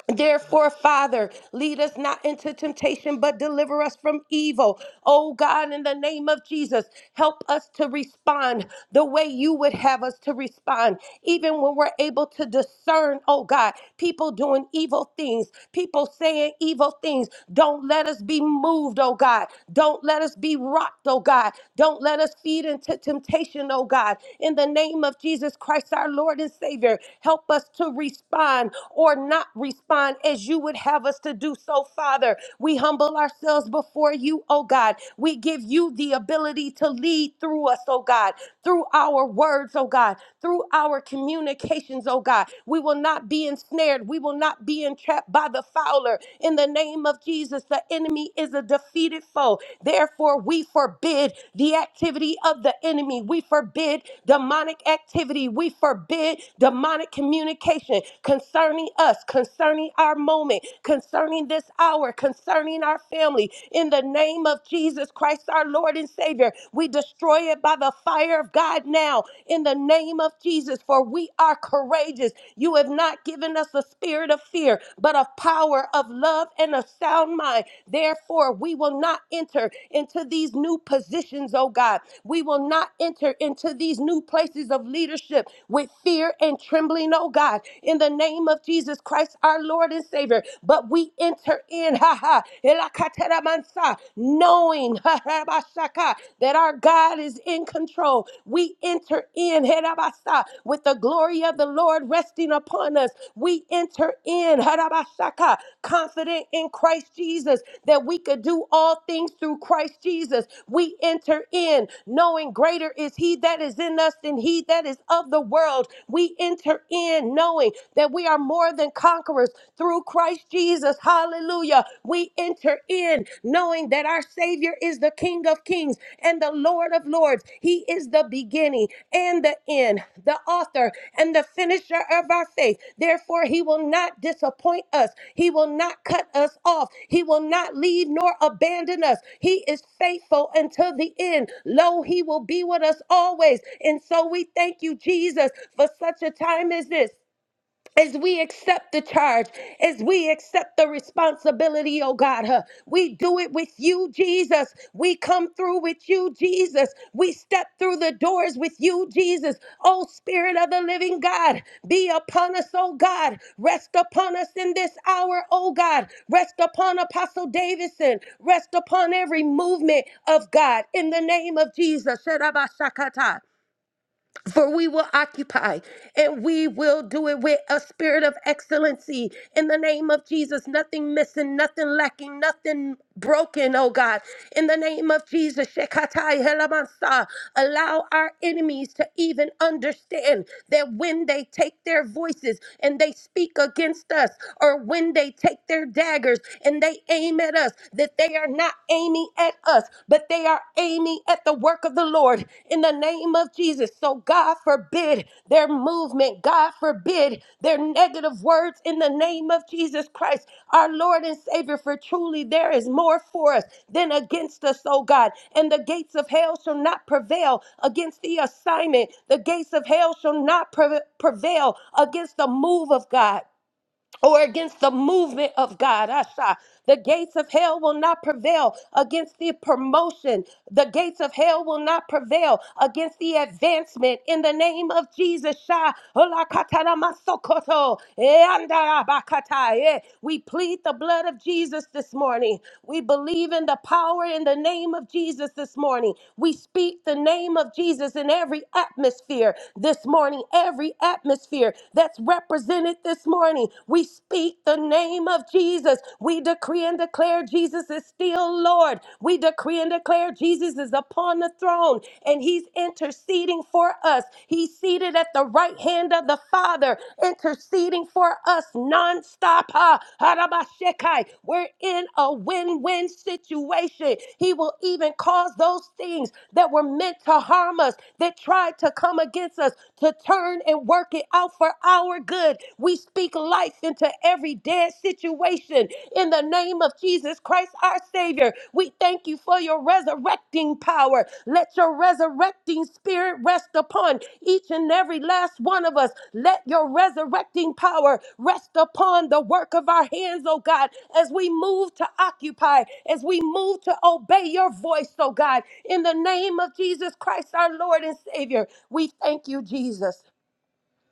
Therefore, Father, lead us not into temptation, but deliver us from evil. Oh God, in the name of Jesus, help us to respond the way you would have us to respond, even when we're able to discern, oh God, people doing evil things, people saying evil things. Don't let us be moved, oh God. Don't let us be rocked, oh God. Don't let us feed into temptation, oh God. In the name of Jesus Christ, our Lord and Savior, help us to respond or not respond as you would have us to do so, Father. We humble ourselves before you, oh God. We give you the ability to lead through us, oh God, through our words, oh God, through our communications, oh God. We will not be ensnared. We will not be entrapped by the fowler. In the name of Jesus, the enemy is a defeated foe. Therefore, we forbid the activity of the enemy. We forbid demonic activity. We forbid demonic communication concerning us, concerning our moment, concerning this hour, concerning our family. In the name of Jesus Christ, our Lord and Savior, we destroy it by the fire of God now. In the name of Jesus, for we are courageous. You have not given us a spirit of fear, but of power, of love, and a sound mind. Therefore, we will not enter into these new positions, oh God. We will not enter into these new places of leadership with fear and trembling, oh God. In the name name of Jesus Christ, our Lord and Savior. But we enter in, ha ha, elakatera mansa, knowing, ha ha, bashaka, that our God is in control. We enter in, herabasa, with the glory of the Lord resting upon us. We enter in, herabashaka, confident in Christ Jesus that we could do all things through Christ Jesus. We enter in knowing greater is He that is in us than He that is of the world. We enter in knowing morning that we are more than conquerors through Christ Jesus. Hallelujah. We enter in knowing that our Savior is the King of Kings and the Lord of Lords. He is the beginning and the end, the author and the finisher of our faith. Therefore, He will not disappoint us. He will not cut us off. He will not leave nor abandon us. He is faithful until the end. Lo, He will be with us always. And so we thank you, Jesus, for such a time as this. As we accept the charge, as we accept the responsibility, oh God, huh, we do it with you, Jesus. We come through with you, Jesus. We step through the doors with you, Jesus. Oh, Spirit of the living God, be upon us, oh God. Rest upon us in this hour, oh God. Rest upon Apostle Davidson. Rest upon every movement of God in the name of Jesus. For we will occupy and we will do it with a spirit of excellency in the name of Jesus. Nothing missing, nothing lacking, nothing broken, oh God. In the name of Jesus, Shekatai Helamansa, allow our enemies to even understand that when they take their voices and they speak against us, or when they take their daggers and they aim at us, that they are not aiming at us, but they are aiming at the work of the Lord in the name of Jesus. So God forbid their movement, God forbid their negative words in the name of Jesus Christ, our Lord and Savior. For truly there is more for us than against us, oh God. And the gates of hell shall not prevail against the assignment, the gates of hell shall not pre- prevail against the move of God or against the movement of God. Asha. The gates of hell will not prevail against the promotion. The gates of hell will not prevail against the advancement in the name of Jesus. Sha. Olakatara masokoto. Eandara bakata. Eh. We plead the blood of Jesus this morning. We believe in the power in the name of Jesus this morning. We speak the name of Jesus in every atmosphere this morning, every atmosphere that's represented in it this morning. We speak the name of Jesus. We decree and declare Jesus is still Lord. We decree and declare Jesus is upon the throne and he's interceding for us. He's seated at the right hand of the Father, interceding for us nonstop. Ha, harabashekai. We're in a win win situation. He will even cause those things that were meant to harm us, that tried to come against us, to turn and work it out out for our good. We speak life into every dead situation in the name of Jesus Christ, our Savior. We thank you for your resurrecting power. Let your resurrecting spirit rest upon each and every last one of us. Let your resurrecting power rest upon the work of our hands, oh God, as we move to occupy, as we move to obey your voice, oh God. In the name of Jesus Christ, our Lord and Savior, we thank you, Jesus.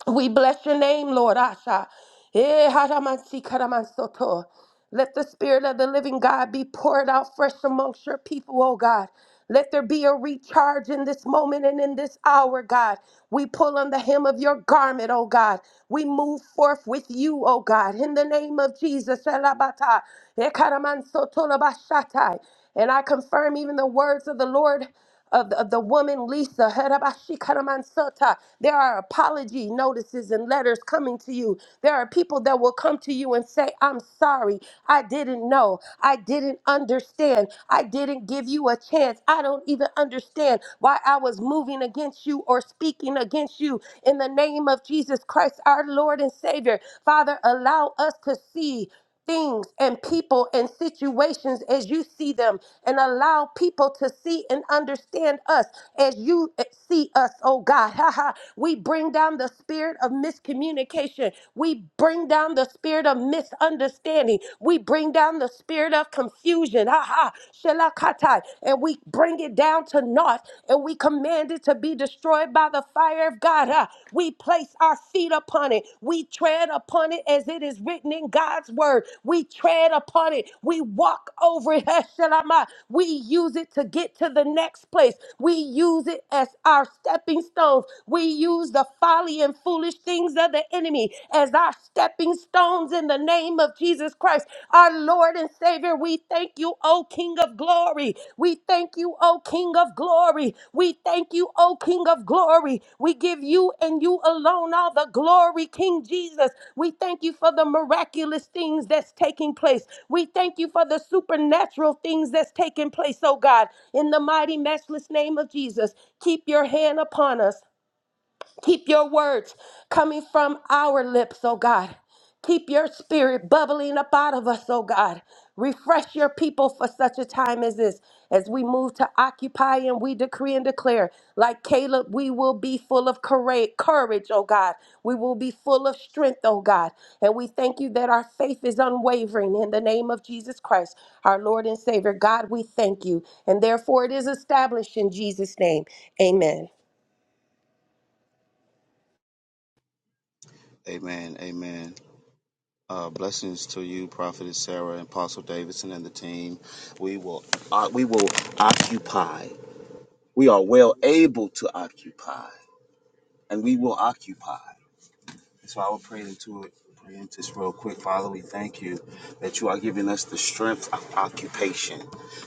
We bless your name, Lord Asha. Eh, haramansi karamansoto. Let the Spirit of the living God be poured out fresh amongst your people, oh God. Let there be a recharge in this moment and in this hour, God. We pull on the hem of your garment, oh God. We move forth with you, oh God. In the name of Jesus. Elabata. Eh, karamansoto labashatai. And I confirm even the words of the Lord of the, of the woman Lisa. Herabashikaramansoto. There are apology notices and letters coming to you. There are people that will come to you and say, I'm sorry. I didn't know. I didn't understand. I didn't give you a chance. I don't even understand why I was moving against you or speaking against you. In the name of Jesus Christ, our Lord and Savior, Father, allow us to see things and people and situations as you see them and allow people to see and understand us as you eh, see us, oh God. Ha ha. We bring down the spirit of miscommunication. We bring down the spirit of misunderstanding. We bring down the spirit of confusion. Ha ha. Shalakatai. And we bring it down to naught and we command it to be destroyed by the fire of God. Ah, We place our feet upon it. We tread upon it as it is written in God's word. We tread upon it. We walk over it. Heshelama. We use it to get to the next place. We use it as our stepping stones. We use the folly and foolish things of the enemy as our stepping stones in the name of Jesus Christ. Our our Lord and Savior. We thank you, O King of glory. We thank you, O King of glory. We thank you, O King of glory. We give you and you alone all the glory, King Jesus. We thank you for the miraculous things that's taking place. We thank you for the supernatural things that's taking place, oh God. In the mighty, matchless name of Jesus, keep your hand upon us. Keep your words coming from our lips, oh God. Keep your spirit bubbling up out of us, oh God. Refresh your people for such a time as this. As we move to occupy and we decree and declare, like Caleb, we will be full of coura- courage, oh God. We will be full of strength, oh God. And we thank you that our faith is unwavering in the name of Jesus Christ, our Lord and Savior. God, we thank you. And therefore it is established in Jesus' name. Amen. Amen. Amen. Uh, blessings to you, Prophetess Sarah and Apostle Davidson and the team. We will, uh, we will occupy. We are well able to occupy, and we will occupy. So I will pray into it. Pray into this real quick. Father, we thank you that you are giving us the strength of occupation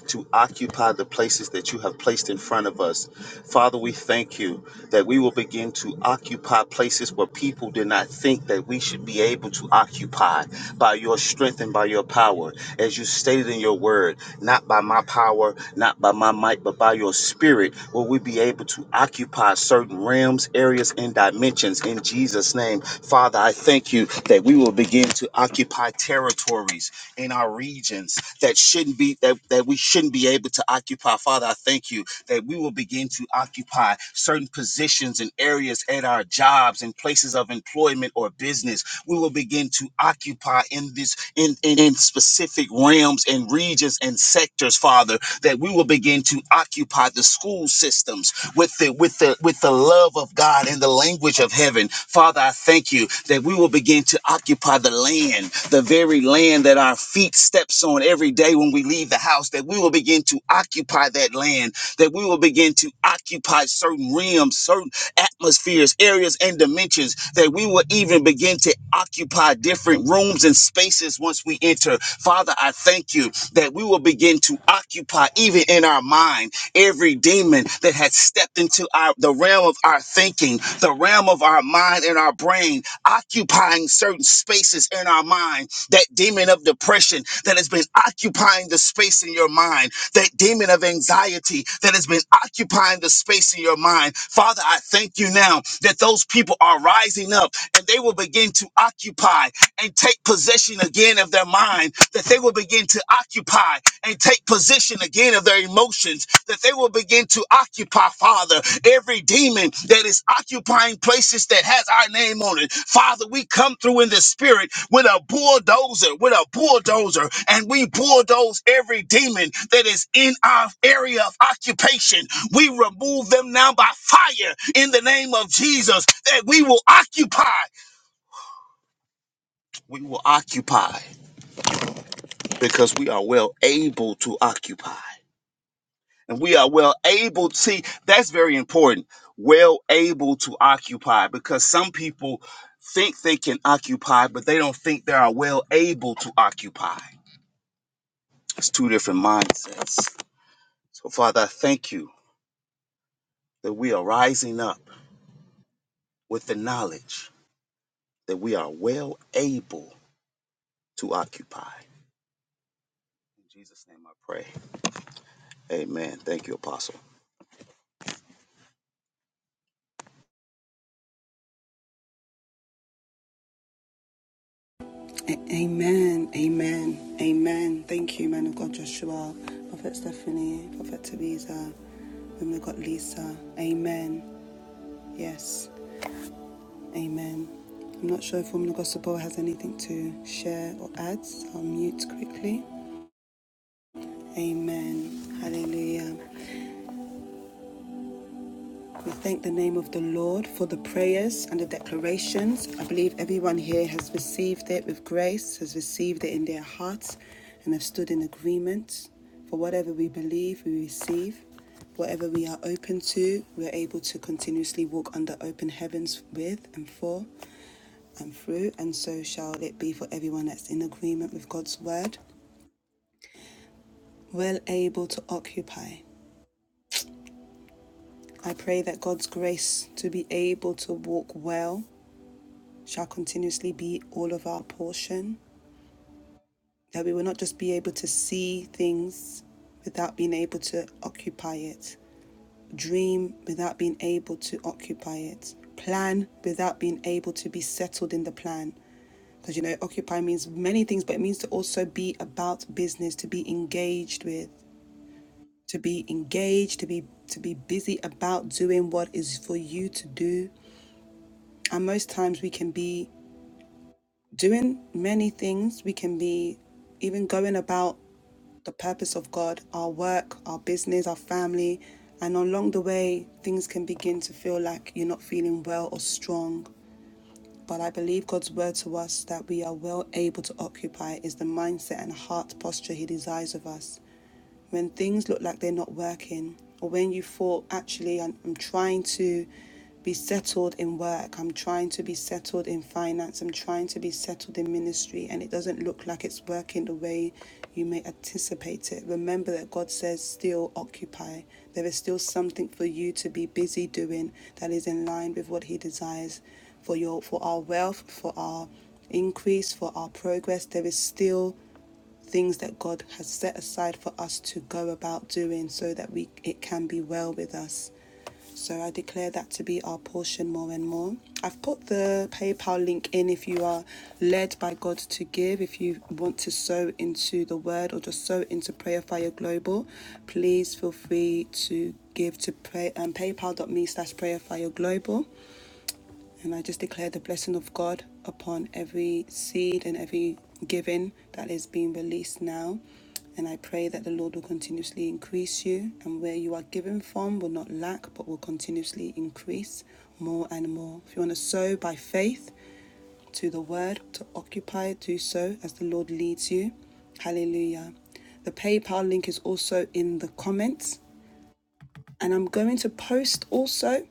to occupy the places that you have placed in front of us. Father, we thank you that we will begin to occupy places where people did not think that we should be able to occupy by your strength and by your power. As you stated in your word, not by my power, not by my might, but by your spirit, will we be able to occupy certain realms, areas, and dimensions in Jesus' name. Father, I thank you that we will begin to occupy territories in our regions that shouldn't be that, that we shouldn't be able to occupy. Father, I thank you that we will begin to occupy certain positions and areas at our jobs and places of employment or business we will begin to occupy in this in, in, in specific realms and regions and sectors, Father, that we will begin to occupy the school systems with the with the with the love of God and the language of heaven. Father, I thank you that we will begin to occupy the land, the very land that our feet steps on every day when we leave the house, that we will begin to occupy that land, that we will begin to occupy certain realms, certain atmospheres, areas, and dimensions that we will even begin to occupy different rooms and spaces once we enter. Father, I thank you that we will begin to occupy even in our mind every demon that had stepped into our, the realm of our thinking, the realm of our mind and our brain, occupying certain spaces in our mind. That demon of depression that has been occupying the space in your mind, that demon of anxiety that has been occupying the space in your mind. Father, I thank you now that those people are rising up and they will begin to occupy and take possession again of their mind, that they will begin to occupy and take possession again of their emotions, that they will begin to occupy, Father, every demon that is occupying places that has our name on it. Father, we come through in the spirit with a bulldozer, with a bulldozer, and we bulldoze every demon that is in our area of occupation. We remove them now by fire in the name of Jesus, that we will occupy. We will occupy because we are well able to occupy. And we are well able to see that's very important. Well able to occupy because some people think they can occupy, but they don't think they are well able to occupy. It's two different mindsets. So, Father, I thank you that we are rising up with the knowledge that we are well able to occupy. In Jesus' name I pray. Amen. Thank you, Apostle. Amen, amen, amen. Thank you, man of God, Joshua, Prophet Stephanie, Prophet Tabitha, woman of God, Lisa. Amen. Yes, amen. I'm not sure if woman of God Sabor has anything to share or add. so I'll mute quickly. Amen. Hallelujah. We thank the name of the Lord for the prayers and the declarations. I believe everyone here has received it with grace, has received it in their hearts, and have stood in agreement. For whatever we believe, we receive. Whatever we are open to, we're able to continuously walk under open heavens with and for and through, and so shall it be for everyone that's in agreement with God's word, well able to occupy. I pray that God's grace to be able to walk well shall continuously be all of our portion, that we will not just be able to see things without being able to occupy it, dream without being able to occupy it, plan without being able to be settled in the plan. Because you know, occupy means many things, but it means to also be about business, to be engaged with, to be engaged, to be to be busy. At most times we can be doing many things. We can be even God, God, our work, business, our family Along the way, things can begin to feel like you're not feeling well or strong, but I believe God's word to us that we are well able to occupy is the mindset and heart posture He desires of us. When things look like they're not working, or I- am trying to settled in work, I'm trying to be settled in finance, and it doesn't look like it's working the way you may remember that God says still occupy. There is something to be busy doing that is in line with what He desires. for our well, peace, for our best, there is side more put the PayPal link in if you are led by God to give, if you want to sow into the word or just sow into Prayer Fire Global, please feel free to give to pray um, paypal.me slash prayer global and i just declare the blessing of god upon every seed and every giving that is being released now and I pray that the Lord will continuously increase you, and where you are given from will not lack, but will continuously increase more and more. If you want to sow by faith, to the word, to occupy, do so as the Lord leads you. Hallelujah. The PayPal link is also in the comments. To post also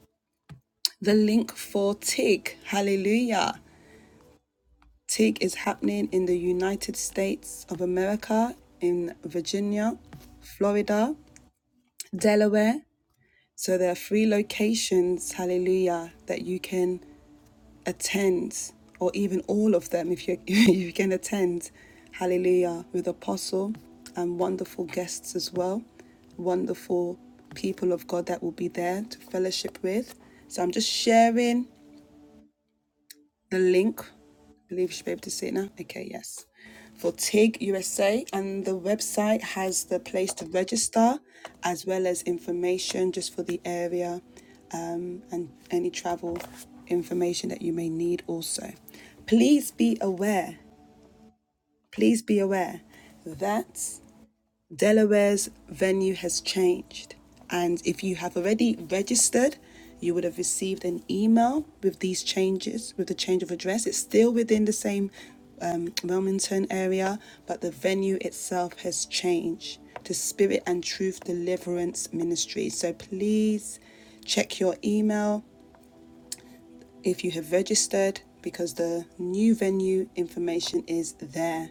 for Hallelujah is the use of America in three locations. Hallelujah. You can attend or even all of them if you if you can attend. Hallelujah with Apostle and wonderful guests as well wonderful people of God that will be there to fellowship with. So I'm just sharing the link. I believe you should be able to see it now. Okay, yes. For TIG USA, and the website has the place to register as well as information just for the area, any travel information that you may need also. Please be aware, please be aware that Delaware's venue has changed, and if you have already registered, you would have received an email with these changes, with the change of address. It's still within the same um, Wilmington area, but the venue itself has changed to Spirit and Truth Deliverance Ministry. So please check your email if you have registered because the new venue information is there.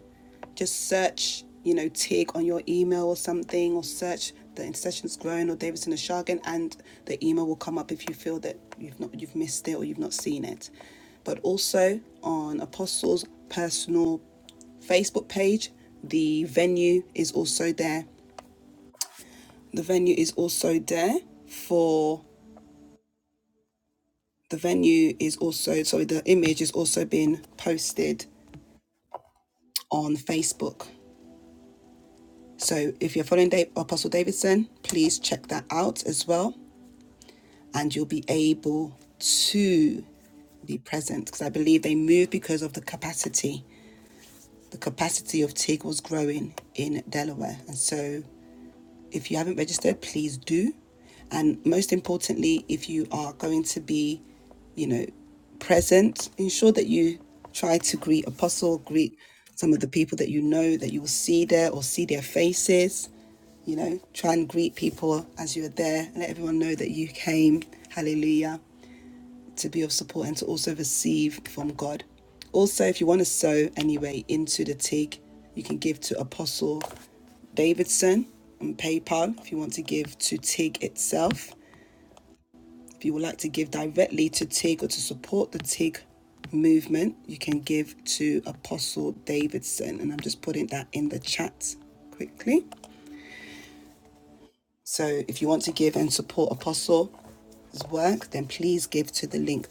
Just search, you know, TIG on your email or something, or search the In Sessions Grown or Davidson and Shargan, and the email will come up if you feel that you've not you've missed it or you've not seen it. But also on Apostles' personal Facebook page, the venue is also there. The venue is also there for the venue is also sorry the image is also being posted on Facebook. So if you're following Dave, Apostle Davidson, please check that out as well, and you'll be able to be present because I believe they moved because of the capacity. The capacity of TIG was growing in Delaware, and so if you haven't registered, please do. And most importantly, if you are going to be, you know, present, ensure that you try to greet apostle greet some of the people that you know that you will see there or see their faces you know try and greet people know that you came, hallelujah. You want to sow anyway into the TIG, you can give to Apostle Davidson on PayPal if you want to give to TIG itself. If you would like to give directly to TIG or to support the TIG movement, you can give to Apostle Davidson. And I'm just putting that in the chat quickly. So if you want to give and support Apostle work, then please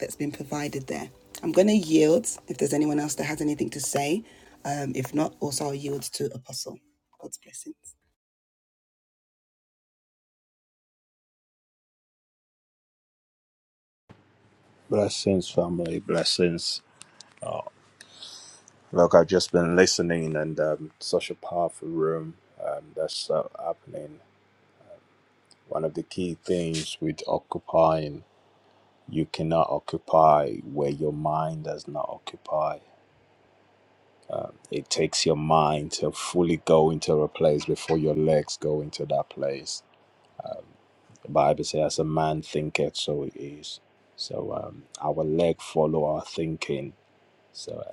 that's been provided there. I'm going to yield if there's anyone else that has anything to say. Um, if not, also I'll yield to Apostle. God's blessings. Blessings, family, blessings. Oh, look, I've just been listening, and um, such a powerful room um, that's uh, happening. One of the key things with occupying, you cannot occupy where your mind does not occupy. Um, it takes your mind to fully go into a place before your legs go into that place. The Bible says, "As a man thinketh, so it is." So um, our leg follow our thinking. So.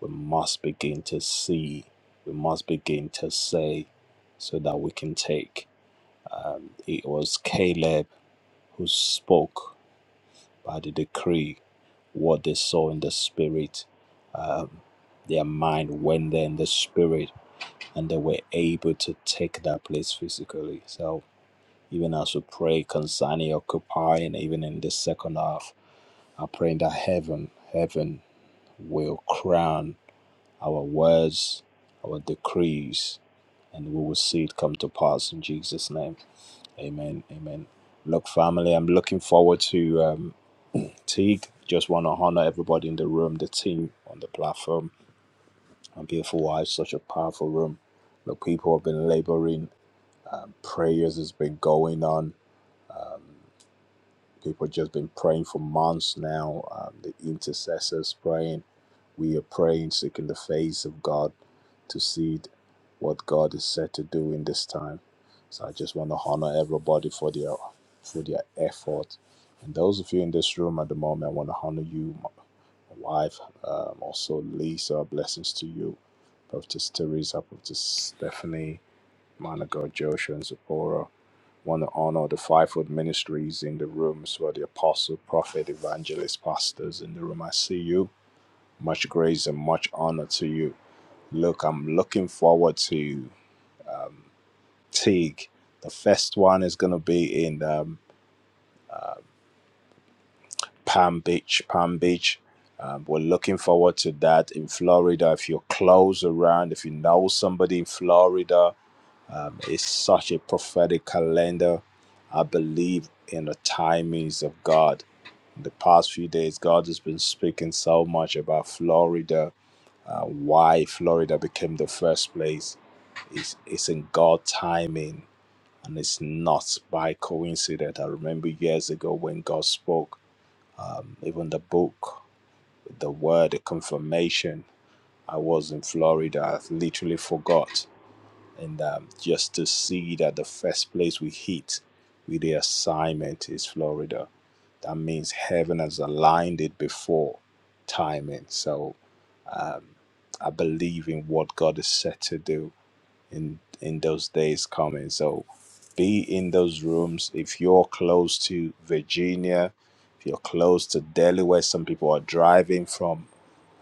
we must begin to see, we must begin to say, so that we can take. Um, it was Caleb who spoke by the decree what they saw in the spirit. Um, their mind went there in the spirit, and they were able to take that place physically. So, even as we pray concerning Occupy, and even in the second half, I pray that heaven, heaven will crown our words, our decrees, and we will see it come to pass in Jesus' name. Amen. Amen. Look, family, I'm looking forward to um, Teague. Just want to honor everybody in the room, the team on the platform, and beautiful wife. Such a powerful room. Look, people have been laboring. Um, prayers has been going on. People just been praying for months now. Um, the intercessors praying. We are praying, seeking the face of God to see what God is set to do in this time. So I just want to honor everybody for their for their effort. And those of you in this room at the moment, I want to honor you, my my wife, um, also Lisa. Blessings to you, Prophetess Teresa, Prophetess Stephanie, man of God Joshua and Zipporah. Want to honor the fivefold ministries in the room as well, the apostle, prophet, evangelist, pastors in the room. I see you. Much grace and much honor to you. Look, I'm looking forward to Teague. The first one is going to be in um, Palm Beach. Palm Beach. Um, we're looking forward to that in Florida. If you're close around, if you know somebody in Florida, um, it's such a prophetic calendar. I believe in the timings of God. In the past few days, God has been speaking so much about Florida, uh, why Florida became the first place. It's, it's in God timing and it's not by coincidence. I remember years ago when God spoke, um, even the book, the word, the confirmation. I was in Florida, I literally forgot. And um, just to see that the first place we hit with the assignment is Florida, that means heaven has aligned it before timing. So um, I believe in what God is set to do in in those days coming. So be in those rooms. If you're close to Virginia, if you're close to Delaware, some people are driving from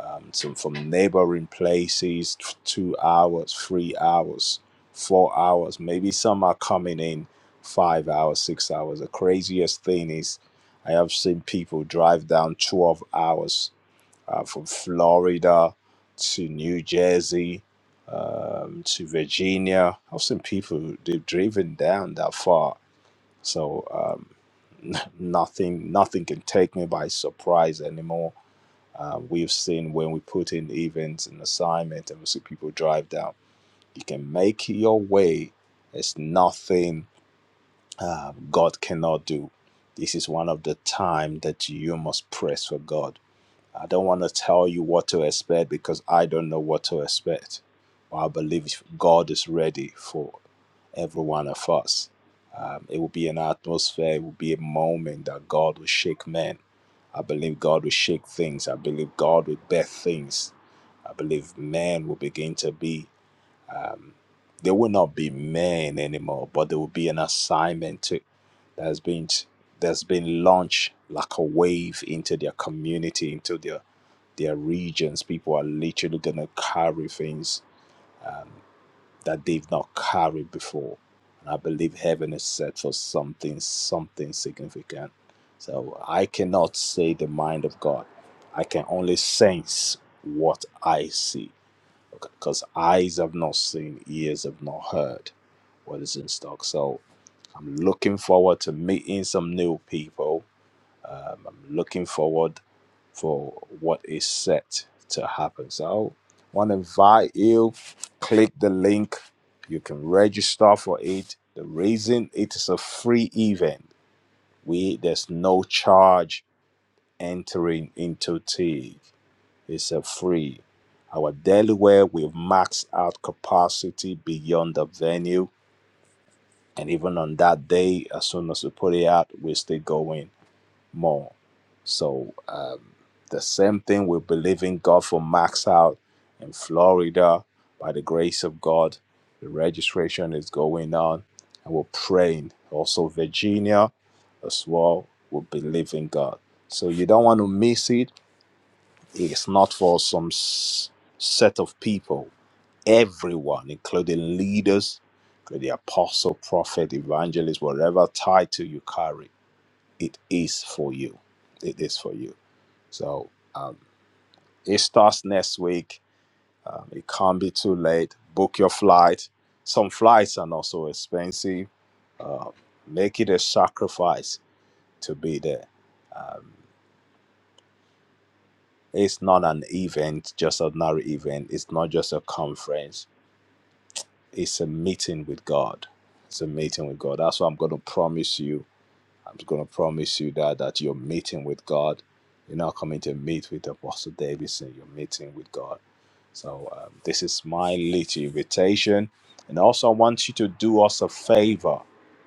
um, some from neighboring places, t- two hours, three hours, four hours. Maybe some are coming in five hours, six hours. The craziest thing is I have seen people drive down 12 hours uh, from Florida to New Jersey um, to Virginia. I've seen people they've driven down that far, so um, nothing nothing can take me by surprise anymore. Uh, we've seen when we put in events and assignment, and we see people drive down. You can make your way. It's nothing uh, God cannot do. This is one of the time that you must press for God I don't want to tell you what to expect because I don't know what to expect. But I believe God is ready for every one of us. Um, it will be an atmosphere, it will be a moment that God will shake men. I believe God will shake things. I believe God will birth things. I believe men will begin to be. They will not be men anymore, but there will be an assignment to, that's been that's been launched like a wave into their community, into their their regions. People are literally gonna carry things that they've not carried before. And I believe heaven is set for something, something significant. So I cannot say the mind of God. I can only sense what I see because eyes have not seen, ears have not heard what is in stock. So I'm looking forward to meeting some new people. Um, I'm looking forward for what is set to happen. So I want to invite you, click the link. You can register for it. The reason it is a free event, we there's no charge entering into Teague is set free. Our Delaware will max out capacity beyond the venue. And even on that day, as soon as we put it out, we're still going more. So um, the same thing we believe in God for max out in Florida. By the grace of God, the registration is going on. And we're praying. Also, Virginia as well, we believe in God. So you don't want to miss it it's not for some s- set of people. Everyone, including leaders, including apostle, prophet, evangelist, whatever title you carry, it is for you. It is for you. So um, it starts next week. Um, it can't be too late. Book your flight. Some flights are not so expensive. Uh, make it a sacrifice to be there. Um, it's not an event, just an ordinary event. It's not just a conference it's a meeting with God. It's a meeting with God. That's why I'm going to promise you. I'm going to promise you that that you're meeting with God. You're not coming to meet with Apostle Davidson. You're meeting with God. So um, this is my little invitation, and also I want you to do us a favor.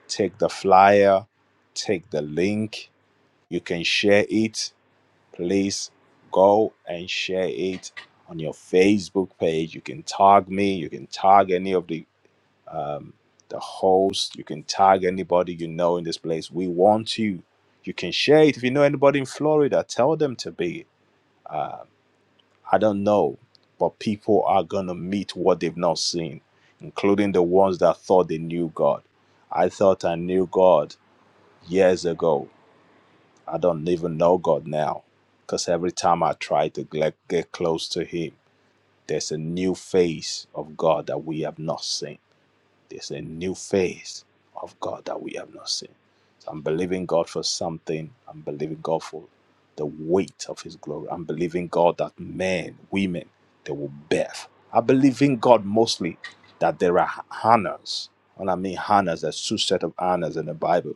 Take the flyer, take the link. You can share it. Please go and share it on your Facebook page. You can tag me. You can tag any of the um, the host. You can tag anybody you know in this place. We want you. You can share it. If you know anybody in Florida, tell them to be. I don't know, but people are going to meet what they've not seen, including the ones that thought they knew God. I thought I knew God years ago. I don't even know God now because every time I try to get, get close to Him, there's a new face of God that we have not seen There's a new phase of God that we have not seen. So I'm believing God for something. I'm believing God for the weight of His glory. I'm believing God that men, women, they will birth. I believe in God mostly that there are hannahs. When I mean hannahs, there's two set of hannahs in the Bible.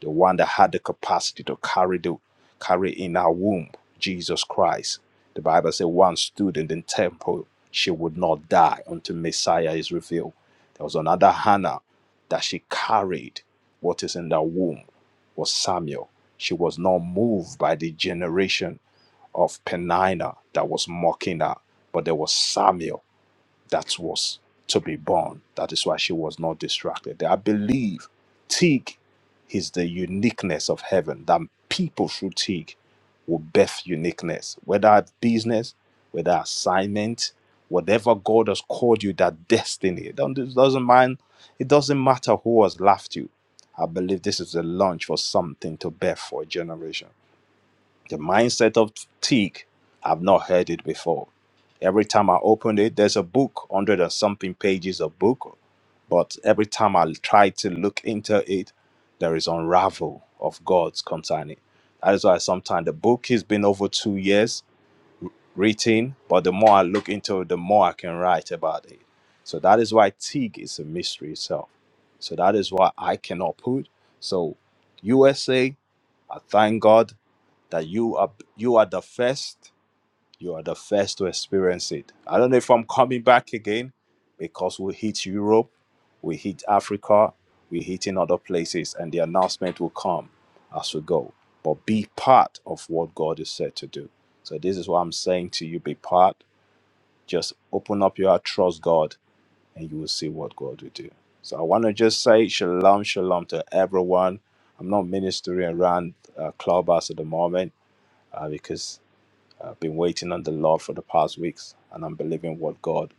The one that had the capacity to carry the carry in her womb Jesus Christ. The Bible says one stood in the temple, she would not die until Messiah is revealed. There was another Hannah that she carried what is in the womb was Samuel. She was not moved by the generation of Penina that was mocking her, but there was Samuel that was to be born. That is why she was not distracted. I believe Teak is the uniqueness of heaven, that people through Teak will birth uniqueness, whether at business, whether assignment, whatever God has called you, that destiny. It don't- it doesn't mind, it doesn't matter who has laughed you. I believe this is a launch for something to bear for a generation. The mindset of Teak, I've not heard it before. Every time I opened it, there's a book, hundred and something pages of book, but every time I try to look into it, there is unravel of God's concerning. That is why sometimes the book has been over two years written, but the more I look into it, the more I can write about it. So that is why Teak is a mystery itself. So that is why I cannot put. So USA, I thank God that you are you are the first you are the first to experience it i don't know if i'm coming back again because we hit europe we hit africa we hit in other places and the announcement will come as we go but be part of what god is said to do so this is what i'm saying to you be part just open up your heart trust god and you will see what god will do so i want to just say shalom shalom to everyone i'm not ministering around uh, clubhouse at the moment uh, because I've been waiting on the Lord for the past weeks, and I'm believing what God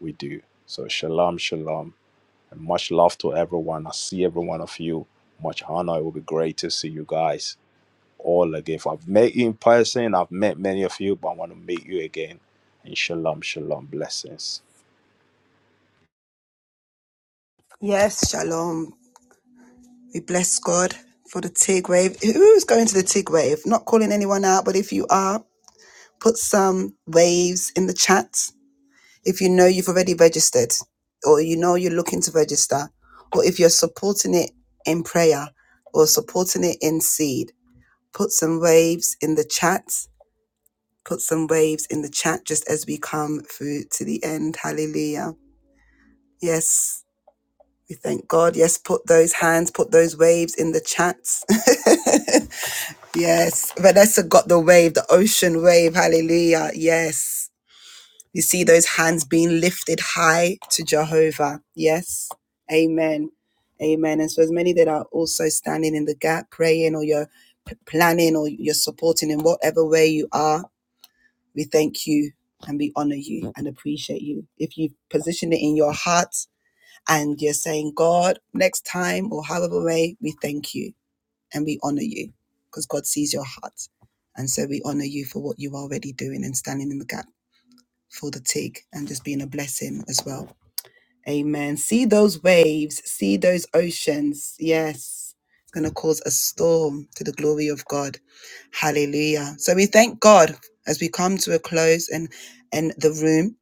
will do. So, shalom, shalom, and much love to everyone. I see every one of you. Much honor. It will be great to see you guys all again. I've met you in person, I've met many of you, but I want to meet you again. And shalom, shalom, blessings. Yes, shalom. We bless God for the TIG wave. Who's going to the TIG wave? Not calling anyone out, but if you are, put some waves in the chat. If you know you've already registered, or you know you're looking to register, or if you're supporting it in prayer or supporting it in seed, put some waves in the chat Put some waves in the chat just as we come through to the end. Hallelujah. Yes, we thank God. Yes, put those hands, put those waves in the chats. yes, Vanessa got the wave, the ocean wave. Hallelujah. Yes. You see those hands being lifted high to Jehovah. Yes. Amen. Amen. And so, as many that are also standing in the gap, praying, or you're p- planning, or you're supporting in whatever way you are, We thank you and we honor you and appreciate you. If you position it in your heart and you're saying, God, next time or however way, we thank you and we honor you because God sees your heart. And so we honor you for what you are already doing and standing in the gap for the TIG and just being a blessing as well. Amen. See those waves, those oceans. Yes. It's gonna be a storm to the God. Uh, sorry, those in the room.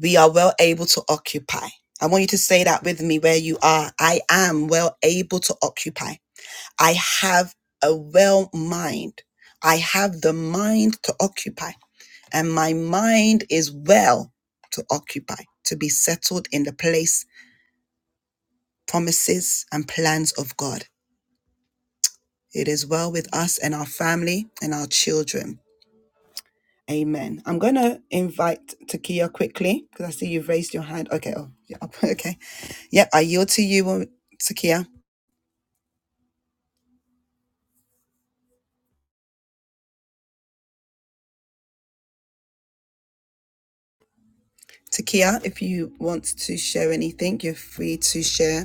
We occupy. To say that I am occupy. I have well mind. I have the mind to occupy. And my mind is well to occupy, to be settled in the place, promises, and plans of God. It is well with us and our family and our children. Amen. I'm going to invite Takia quickly because I see you've raised your hand. Okay. Oh, yeah. Okay. Yep. I yield to you, um, Takia. Takia, if you want to share anything, you're free to share.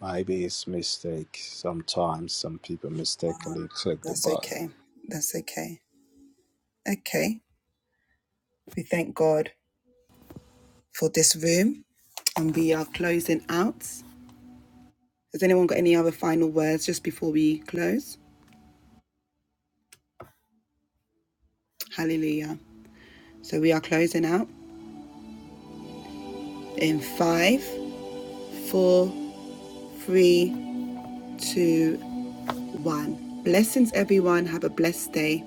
Maybe it's mistake. Sometimes some people mistakenly click the That's button. okay. That's okay. Okay. We thank God for this room and we are closing out. Has anyone got any other final words just before we close? Closing out in five, four, three, two, one. Blessings, everyone. Have a blessed day.